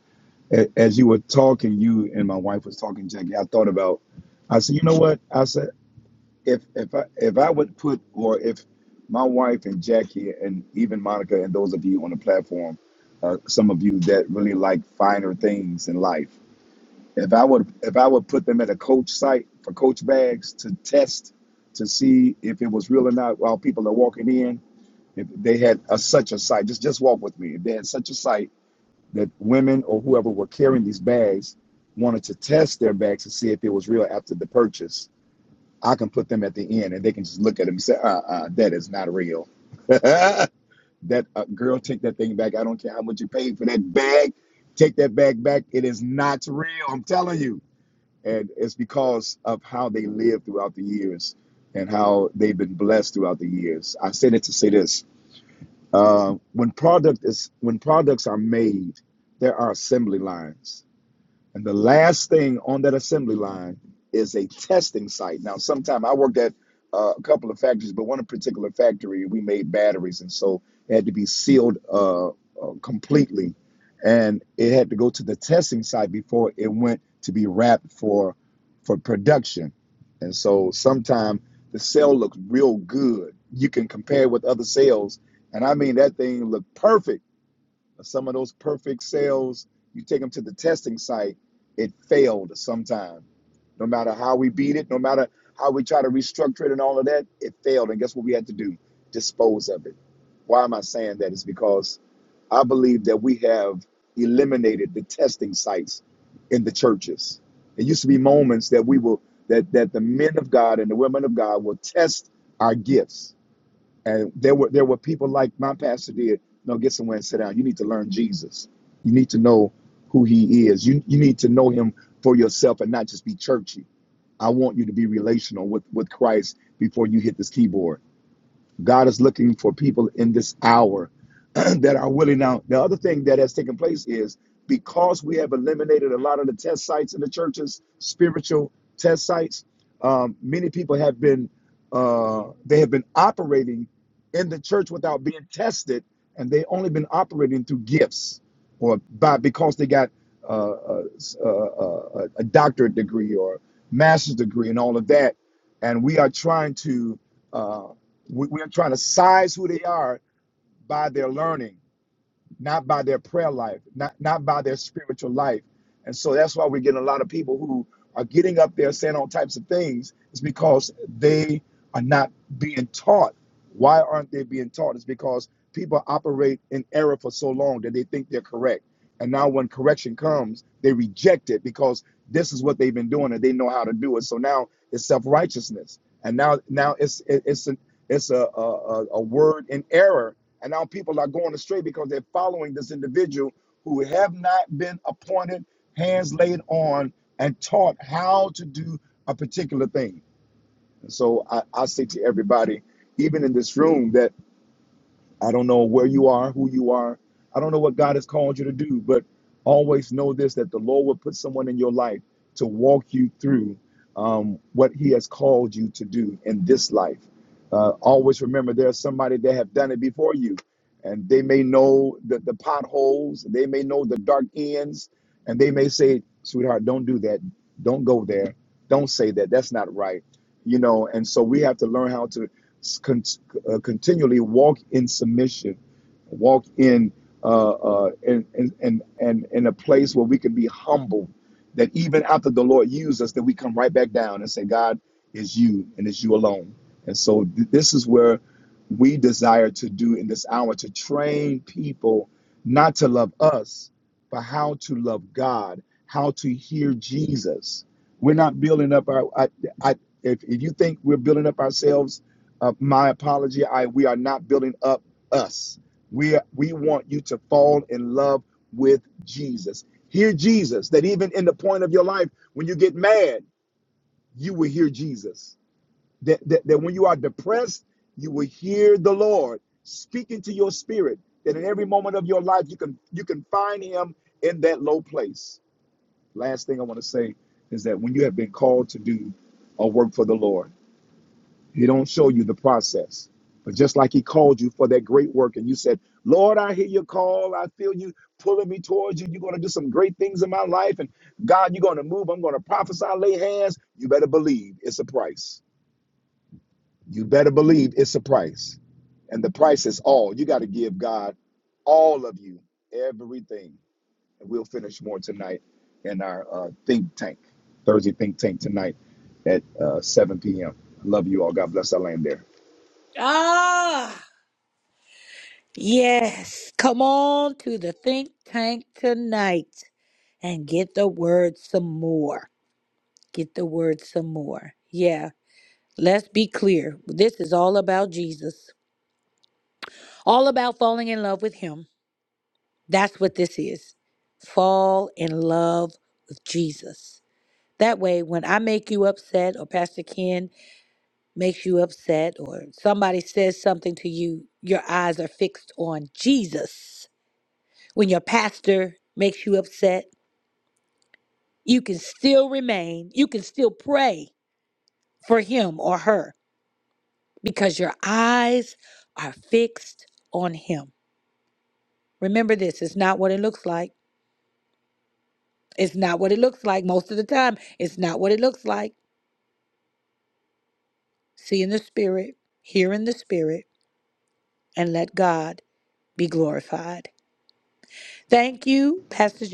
S8: a- as you were talking, you and my wife was talking, Jackie. I thought about. I said, you know what? I said if if I if I would put or if my wife and Jackie and even Monica and those of you on the platform, uh, some of you that really like finer things in life. If I would if I would put them at a coach site for coach bags to test to see if it was real or not while people are walking in, if they had a, such a sight, just just walk with me. If they had such a sight that women or whoever were carrying these bags wanted to test their bags to see if it was real after the purchase, I can put them at the end and they can just look at them and say, uh uh, that is not real. that uh, girl, take that thing back. I don't care how much you paid for that bag. Take that bag back. It is not real. I'm telling you. And it's because of how they live throughout the years and how they've been blessed throughout the years. I said it to say this uh, when product is when products are made, there are assembly lines. And the last thing on that assembly line is a testing site. Now, sometime I worked at uh, a couple of factories, but one particular factory, we made batteries. And so it had to be sealed uh, uh, completely. And it had to go to the testing site before it went to be wrapped for for production. And so sometime the cell looks real good. You can compare it with other cells. And I mean, that thing looked perfect some of those perfect sales, you take them to the testing site, it failed sometime. No matter how we beat it, no matter how we try to restructure it and all of that, it failed. And guess what we had to do? Dispose of it. Why am I saying that? It's because I believe that we have eliminated the testing sites in the churches. It used to be moments that we will that that the men of God and the women of God will test our gifts and there were there were people like my pastor did. No, get somewhere and sit down. You need to learn Jesus. You need to know who He is. You you need to know Him for yourself and not just be churchy. I want you to be relational with with Christ before you hit this keyboard. God is looking for people in this hour that are willing now. The other thing that has taken place is because we have eliminated a lot of the test sites in the churches, spiritual test sites. Um, many people have been uh, they have been operating in the church without being tested, and they only been operating through gifts or by because they got uh, a, a, a doctorate degree or master's degree and all of that. And we are trying to uh, we, we are trying to size who they are by their learning not by their prayer life, not, not by their spiritual life. And so that's why we're getting a lot of people who are getting up there saying all types of things. It's because they are not being taught. Why aren't they being taught? It's because people operate in error for so long that they think they're correct. And now when correction comes, they reject it because this is what they've been doing and they know how to do it. So now it's self-righteousness. And now now it's it's a, it's a a a word in error and now people are going astray because they're following this individual who have not been appointed, hands laid on, and taught how to do a particular thing. And so I, I say to everybody, even in this room, that I don't know where you are, who you are. I don't know what God has called you to do, but always know this that the Lord will put someone in your life to walk you through um, what He has called you to do in this life. Uh, always remember there's somebody that have done it before you, and they may know the, the potholes, they may know the dark ends, and they may say, sweetheart, don't do that. Don't go there. Don't say that. That's not right. You know, and so we have to learn how to uh, continually walk in submission, walk in, uh, uh, in, in, in, in, in a place where we can be humble, that even after the Lord used us, that we come right back down and say, God, is you and it's you alone. And so th- this is where we desire to do in this hour to train people not to love us, but how to love God, how to hear Jesus. We're not building up our. I, I, if, if you think we're building up ourselves uh, my apology. I we are not building up us. We are, we want you to fall in love with Jesus. Hear Jesus. That even in the point of your life when you get mad, you will hear Jesus. That that, that when you are depressed, you will hear the Lord speaking to your spirit. That in every moment of your life, you can you can find Him in that low place. Last thing I want to say is that when you have been called to do a work for the Lord he don't show you the process. But just like he called you for that great work and you said, Lord, I hear your call. I feel you pulling me towards you. You're going to do some great things in my life. And God, you're going to move. I'm going to prophesy, lay hands. You better believe it's a price. You better believe it's a price. And the price is all. You got to give God all of you, everything. And we'll finish more tonight in our uh, think tank, Thursday think tank tonight at uh, 7 p.m. love you all. God bless. I land there.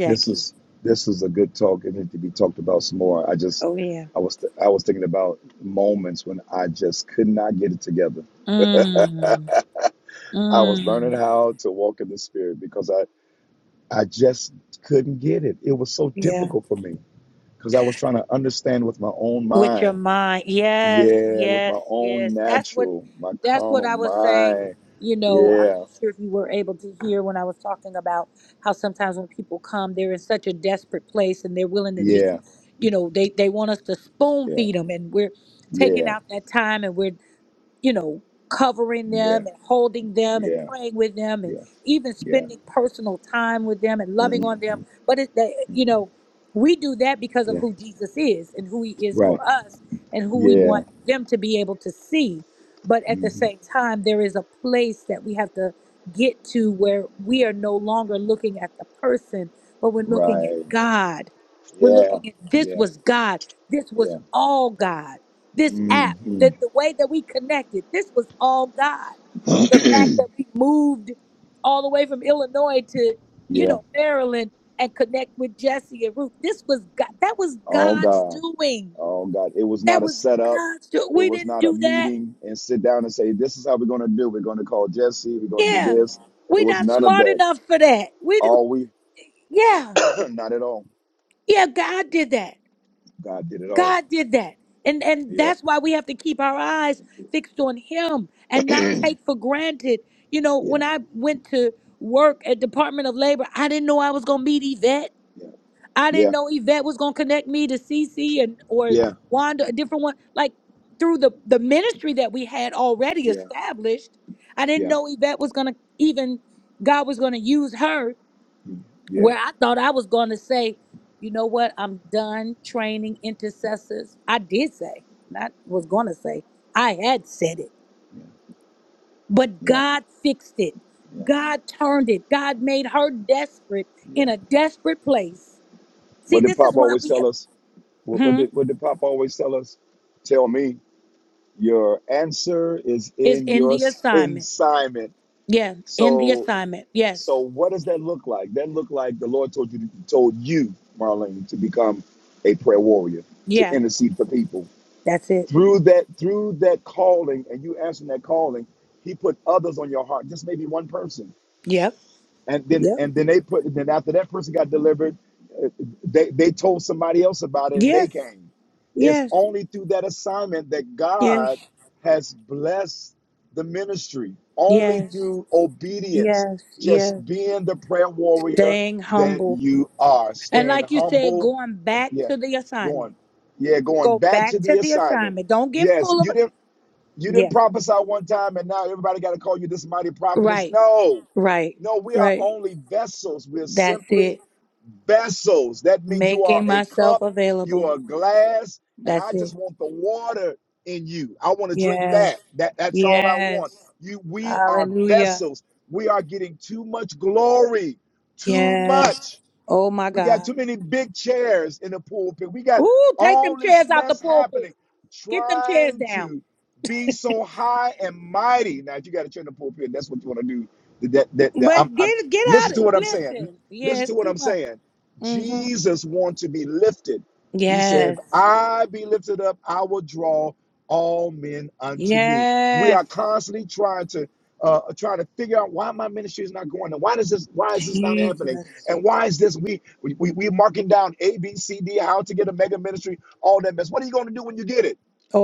S8: This is this is a good talk. It needs to be talked about some more. I just I was I was thinking about moments when I just could not get it together. I was learning how to walk in the spirit because I I just couldn't get it. It was so difficult for me because I was trying to understand with my own mind. Yeah, with my own natural, my carnal mind. Yeah, yeah, yeah, yeah, yeah, yeah, yeah, yeah. Mhm, mhm, Yeah, right. Yeah. hmm Right. Yeah. Yeah. Yeah. hmm yeah. Oh God. Oh God. It was not a setup. It was not a meeting and sit down and say, this is how we're going to do. We're going to call Jesse. We're going to do this. It was none of that. All we, not at all. God did it all. Yeah. yeah. Yeah. Yeah. Yeah. Yeah. Yeah. Mm-hmm. Yeah. Yeah. Yeah. Yeah. Yeah. What did Pop always tell us? What, what
S1: mhm,
S8: did what did Pop always tell us? Tell me, your answer is in your assignment. So so what does that look like? That look like the Lord told you told you, Marlene, to become a prayer warrior, to intercede for people. Through that through that calling and you answering that calling, he put others on your heart, just maybe one person and then and then they put then after that person got delivered uh, they they told somebody else about it and they came it's only through that assignment that god has blessed the ministry only through obedience just being the prayer warrior that you are staying humble yeah going yeah going back to the assignment yes you didn't you didn't prophesy one time and now everybody got to call you this mighty prophetess. No, no, we are only vessels. We're simply vessels. That means you are a cup, you are a glass, and I just want the water in you. I want to drink that. That that's all I want. You we are vessels. We are getting too much glory. Too much. We got too many big chairs in the pulpit. We got all this mess happening, trying to be so high and mighty. Now, if you got a chair in the pulpit, that's what you want to do. That, that, that, I'm, I'm, listen to what I'm saying. Listen to what I'm saying. Jesus wants to be lifted. He said, if I be lifted up, I will draw all men unto me. We are constantly trying to uh, trying to figure out why my ministry is not going on. Why does this? Why is this not happening? And why is this? We we we we marking down A, B, C, D, how to get a mega ministry, all that mess. What are you going to do when you get it?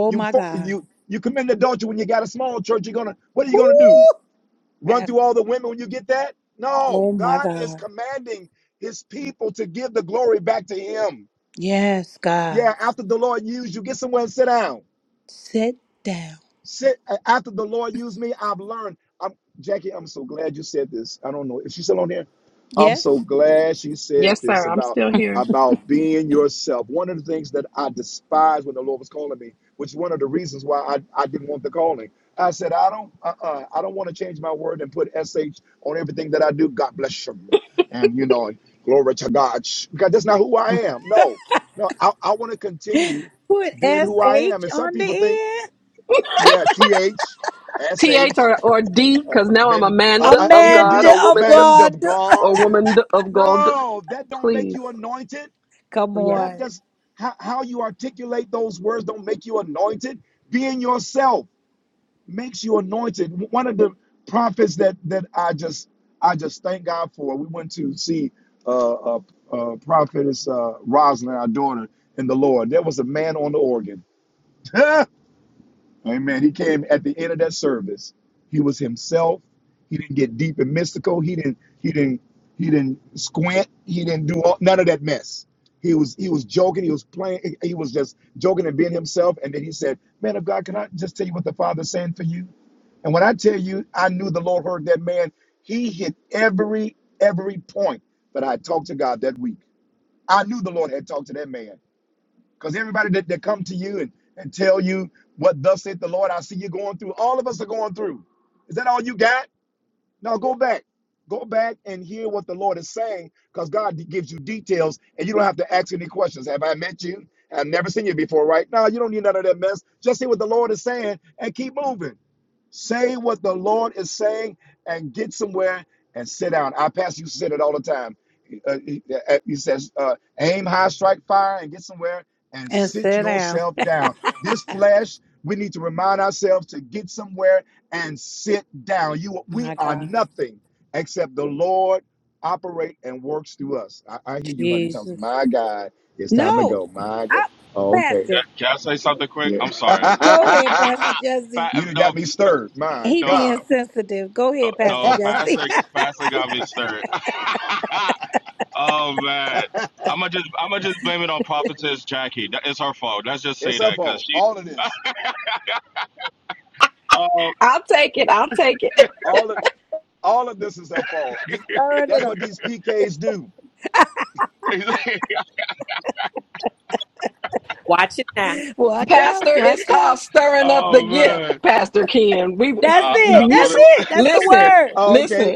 S8: You fo- you you commit adultery when you got a small church. You're gonna what are you gonna do? Run through all the women when you get that? No, God is commanding His people to give the glory back to Him. Yeah, after the Lord used you, get somewhere and sit down. Sit after the Lord used me, I've learned. I'm Jackie. I'm so glad you said this. I don't know if she's still on here. I'm so glad she said
S4: Yes,
S8: this
S4: sir. I'm
S8: about
S4: still here.
S8: about being yourself. One of the things that I despised when the Lord was calling me, which is one of the reasons why I, I didn't want the calling. I said, I don't uh-uh, I don't want to change my word and put SH on everything that I do. God bless you. And you know, and glory to God. Sh- God, that's not who I am. No, no, I, I want to continue being who I am. And some people think yeah, T H S
S4: th
S8: H
S4: or, or d
S8: uh,
S4: because now i'm a
S8: men
S4: man
S8: uh, uh,
S4: of
S8: N
S4: god
S8: D
S4: or woman
S8: man of
S4: or
S8: God.
S4: woman of god
S8: No, that don't make
S4: please
S8: you anointed.
S4: yeah
S8: That does how, how you articulate those words don't make you anointed. Being yourself makes you anointed. One of the prophets that that I just I just thank God for. We went to see uh, uh, uh prophetess uh, Rosalind, our daughter in the Lord. There was a man on the organ. Amen. He came at the end of that service. He was himself. He didn't get deep and mystical. He didn't. He didn't. He didn't squint. He didn't do all, none of that mess. He was. He was joking. He was playing. He was just joking and being himself. And then he said, "Man of God, can I just tell you what the Father's saying for you?" And when I tell you, I knew the Lord heard that man. He hit every every point that I had talked to God that week. I knew the Lord had talked to that man. Because everybody that, that come to you and, and tell you what thus saith the Lord, I see you going through. All of us are going through. Is that all you got? No, go back. Go back and hear what the Lord is saying because God gives you details and you don't have to ask any questions. Have I met you? I've never seen you before, right? No, you don't need none of that mess. Just hear what the Lord is saying and keep moving. Say what the Lord is saying and get somewhere and sit down. Our pastor used to say it all the time. Uh, he, uh, he says, uh, aim high, strike fire, and get somewhere and sit yourself down. This flesh, we need to remind ourselves to get somewhere and sit down. You, We are nothing except the Lord operate and works through us. I, I hear you, honey Thompson. My God, it's time to go. My God. Oh, okay.
S7: Can I say something quick?
S8: Yeah.
S7: I'm sorry. Ah, pa-
S8: you done got
S7: no,
S8: me stirred. My
S7: no,
S8: God.
S7: pa- no, pastor, pastor got me stirred. oh man. I'm gonna just I'm gonna just blame it on prophetess Jackie. That- It's her fault. Let's just
S8: it's
S7: say
S8: her
S7: that because
S8: fault.
S7: she.
S8: All of this.
S7: Oh,
S4: i'll take it i'll take it
S8: All of all of this is her fault. The- that's what these PKs do.
S2: Watch it now.
S4: pastor it's called stirring up the
S7: oh
S4: gift
S7: man,
S4: pastor ken we
S7: uh, that's
S4: you
S7: what
S4: s-
S7: it
S4: listen
S8: Oh, okay.
S4: listen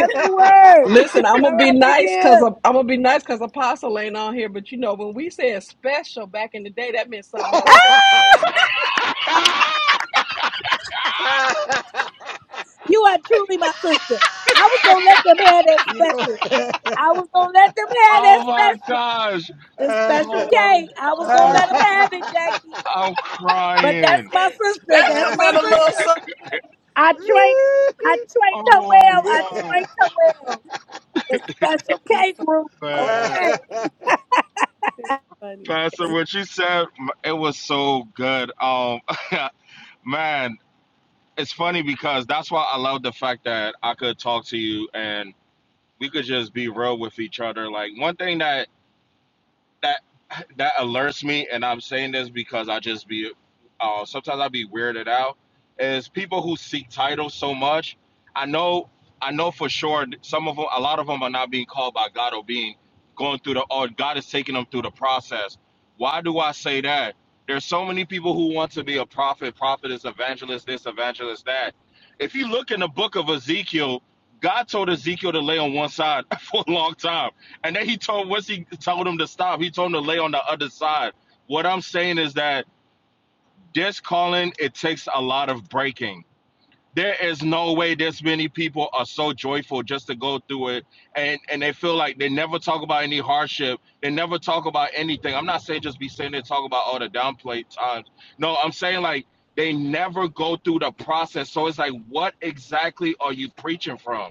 S4: listen i'm gonna be nice because i'm gonna be nice because apostle ain't on here but you know when we said special back in the day that meant something else special came
S7: Ah!
S8: you know.
S7: Oh my gosh. Oh my gosh. I'm crying.
S4: special meant a little something
S7: Oh my
S8: yeah.
S7: god.
S2: Too
S7: Man.
S2: funny.
S7: Pastor, what you said, m- it was so good. Um, man, it's funny because that's why I love the fact that I could talk to you and we could just be real with each other. Like one thing that that that alerts me, and I'm saying this because I just be uh, sometimes I be weirded out. Is people who seek titles so much? I know, I know for sure. Some of them, a lot of them, are not being called by God or being going through the. Or God is taking them through the process. Why do I say that? There's so many people who want to be a prophet, prophetess, evangelist, this, evangelist, that. If you look in the book of Ezekiel, God told Ezekiel to lay on one side for a long time and then he told once he told him to stop, he told him to lay on the other side. What I'm saying is that this calling it takes a lot of breaking. There is no way this many people are so joyful just to go through it and and they feel like they never talk about any hardship. They never talk about anything. I'm not saying just be sitting there and talk about all the downplay times. No, I'm saying like they never go through the process. So it's like what exactly are you preaching from?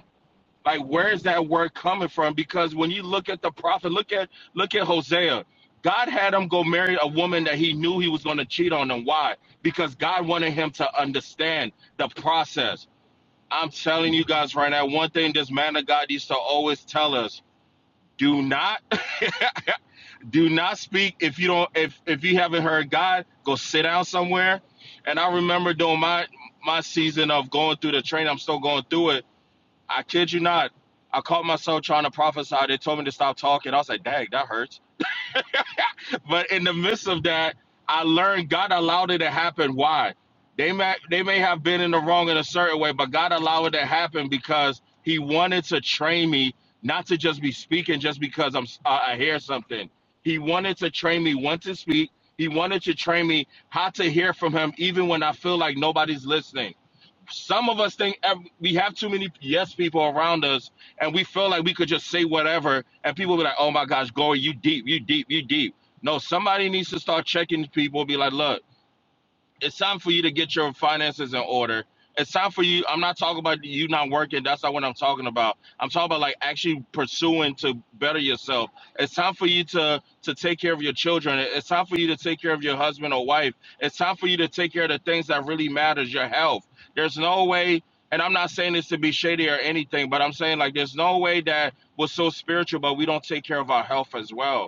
S7: Like, where is that word coming from? Because when you look at the prophet, look at look at Hosea. God had him go marry a woman that he knew he was going to cheat on, and why? Because God wanted him to understand the process. I'm telling you guys right now, one thing this man of God used to always tell us: do not, do not speak if you don't, if if you haven't heard God, go sit down somewhere. And I remember during my my season of going through the training, I'm still going through it I kid you not. I caught myself trying to prophesy. They told me to stop talking. I was like, dang, that hurts. But in the midst of that, I learned God allowed it to happen. Why? They may they may have been in the wrong in a certain way, but God allowed it to happen because He wanted to train me not to just be speaking just because I'm I I hear something. He wanted to train me when to speak. He wanted to train me how to hear from Him even when I feel like nobody's listening some of us think ev- we have too many yes people around us and we feel like we could just say whatever and people be like oh my gosh glory you deep you deep you deep no somebody needs to start checking people be like look it's time for you to get your finances in order. It's time for you. I'm not talking about you not working. That's not what I'm talking about. I'm talking about like actually pursuing to better yourself. It's time for you to to take care of your children. It's time for you to take care of your husband or wife. It's time for you to take care of the things that really matters, your health. There's no way, and I'm not saying this to be shady or anything, but I'm saying like there's no way that we're so spiritual, but we don't take care of our health as well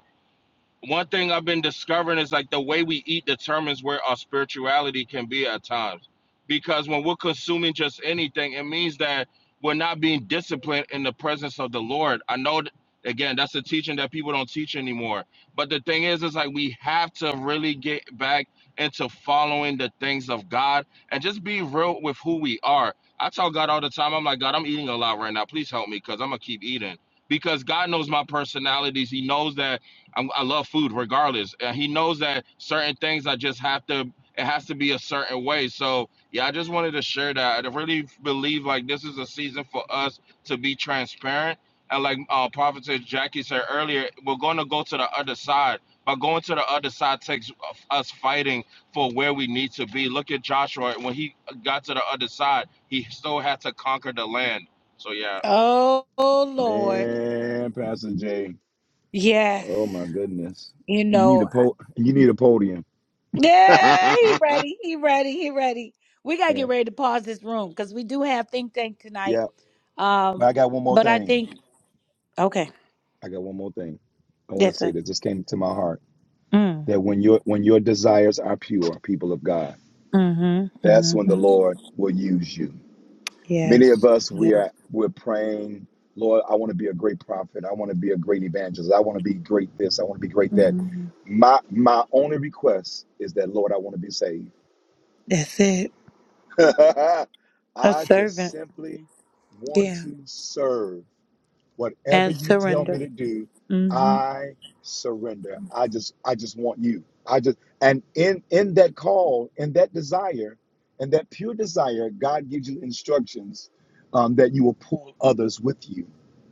S7: one thing I've been discovering is like the way we eat determines where our spirituality can be at times. Because when we're consuming just anything, it means that we're not being disciplined in the presence of the Lord. I know, again, that's a teaching that people don't teach anymore. But the thing is, is like we have to really get back into following the things of God and just be real with who we are. I tell God all the time, I'm like, God, I'm eating a lot right now. Please help me because I'm going to keep eating. Because God knows my personalities. He knows that I'm, I love food regardless. And he knows that certain things I just have to, it has to be a certain way. So, yeah, I just wanted to share that. I really believe like this is a season for us to be transparent. And like uh, Prophetess Jackie said earlier, we're going to go to the other side. But going to the other side takes us fighting for where we need to be. Look at Joshua. When he got to the other side, he still had to conquer the land. So, yeah,
S8: Man, Pastor J. Oh my goodness. You need a po you need a podium. Yeah, yeah. But I got one more thing. I got one more thing. I want to say that just came to my heart that when your when your desires are pure, people of God, that's when the Lord will use you. Many of us we are we're praying, Lord, I want to be a great prophet. I want to be a great evangelist. I want to be great this. I want to be great that. My my only request is that Lord, I want to be saved.
S1: that's it.
S8: I just simply want to serve. whatever you tell me to do i surrender i just i just want you i just and in in that call in that desire and that pure desire god gives you instructions um, that you will pull others with you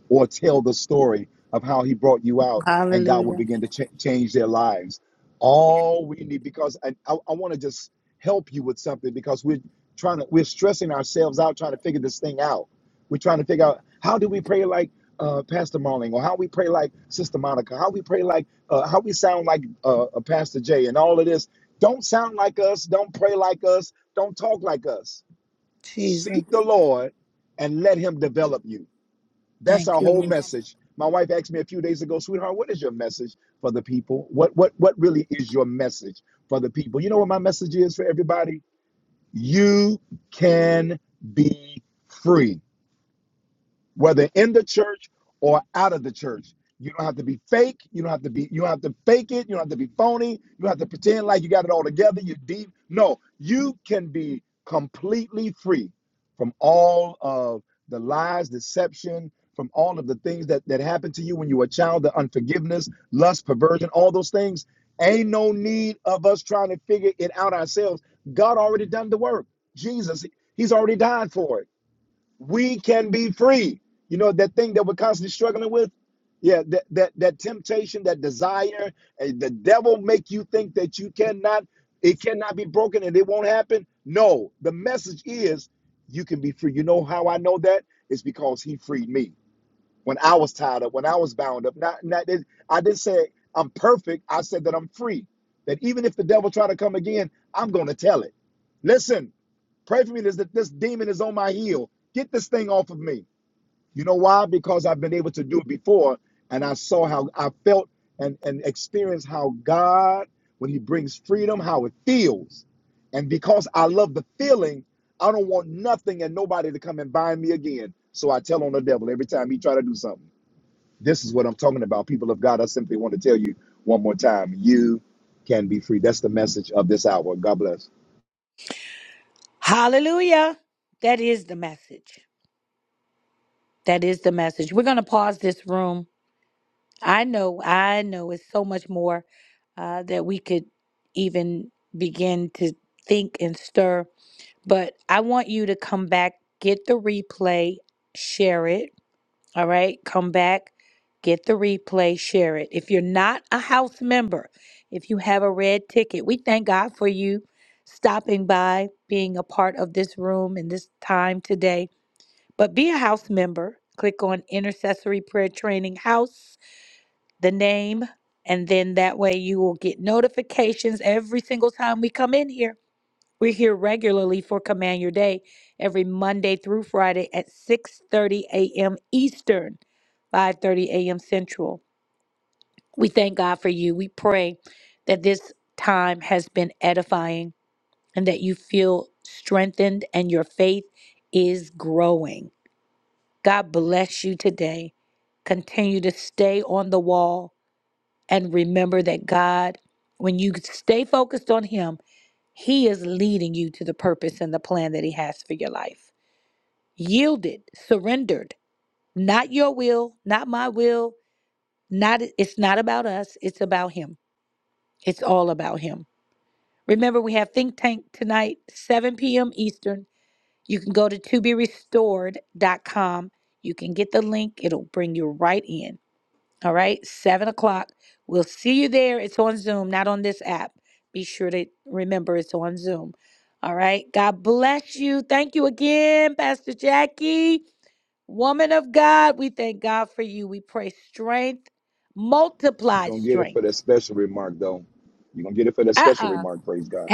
S8: or tell the story of how he brought you out and god will begin to ch- change their lives all we need because i, I, I want to just help you with something because we're trying to we're stressing ourselves out trying to figure this thing out we're trying to figure out how do we pray like uh, Pastor Marling, or how we pray like Sister Monica, how we pray like, uh, how we sound like uh, uh, Pastor Jay, and all of this. Don't sound like us. Don't pray like us. Don't talk like us. Seek the Lord and let Him develop you. That's our whole message. My wife asked me a few days ago, sweetheart, what is your message for the people? What what what really is your message for the people? You know what my message is for everybody? You can be free whether in the church or out of the church. You don't have to be fake. You don't have to be. You don't have to fake it. You don't have to be phony. You don't have to pretend like you got it all together. You're deep. No, you can be completely free from all of the lies, deception, from all of the things that that happened to you when you were a child, the unforgiveness, lust, perversion, all those things. Ain't no need of us trying to figure it out ourselves. God already done the work. Jesus, He's already died for it we can be free. You know that thing that we're constantly struggling with? Yeah, that that that temptation, that desire, and the devil make you think that you cannot it cannot be broken and it won't happen. No, the message is you can be free. You know how I know that? It's because he freed me when I was tied up, when I was bound up. Not not that- I didn't say I'm perfect. I said that I'm free. That even if the devil try to come again, I'm going to tell it. Listen, Pray for me. This, this demon is on my heel. Get this thing off of me. You know why? Because I've been able to do it before and I saw how I felt and, and experienced how God, when He brings freedom, how it feels. And because I love the feeling, I don't want nothing and nobody to come and bind me again. So I tell on the devil every time he try to do something. This is what I'm talking about. People of God, I simply want to tell you one more time. You can be free. That's the message of this hour. God bless. You're gonna get it for that special remark though. You're gonna get it for that special remark, praise God.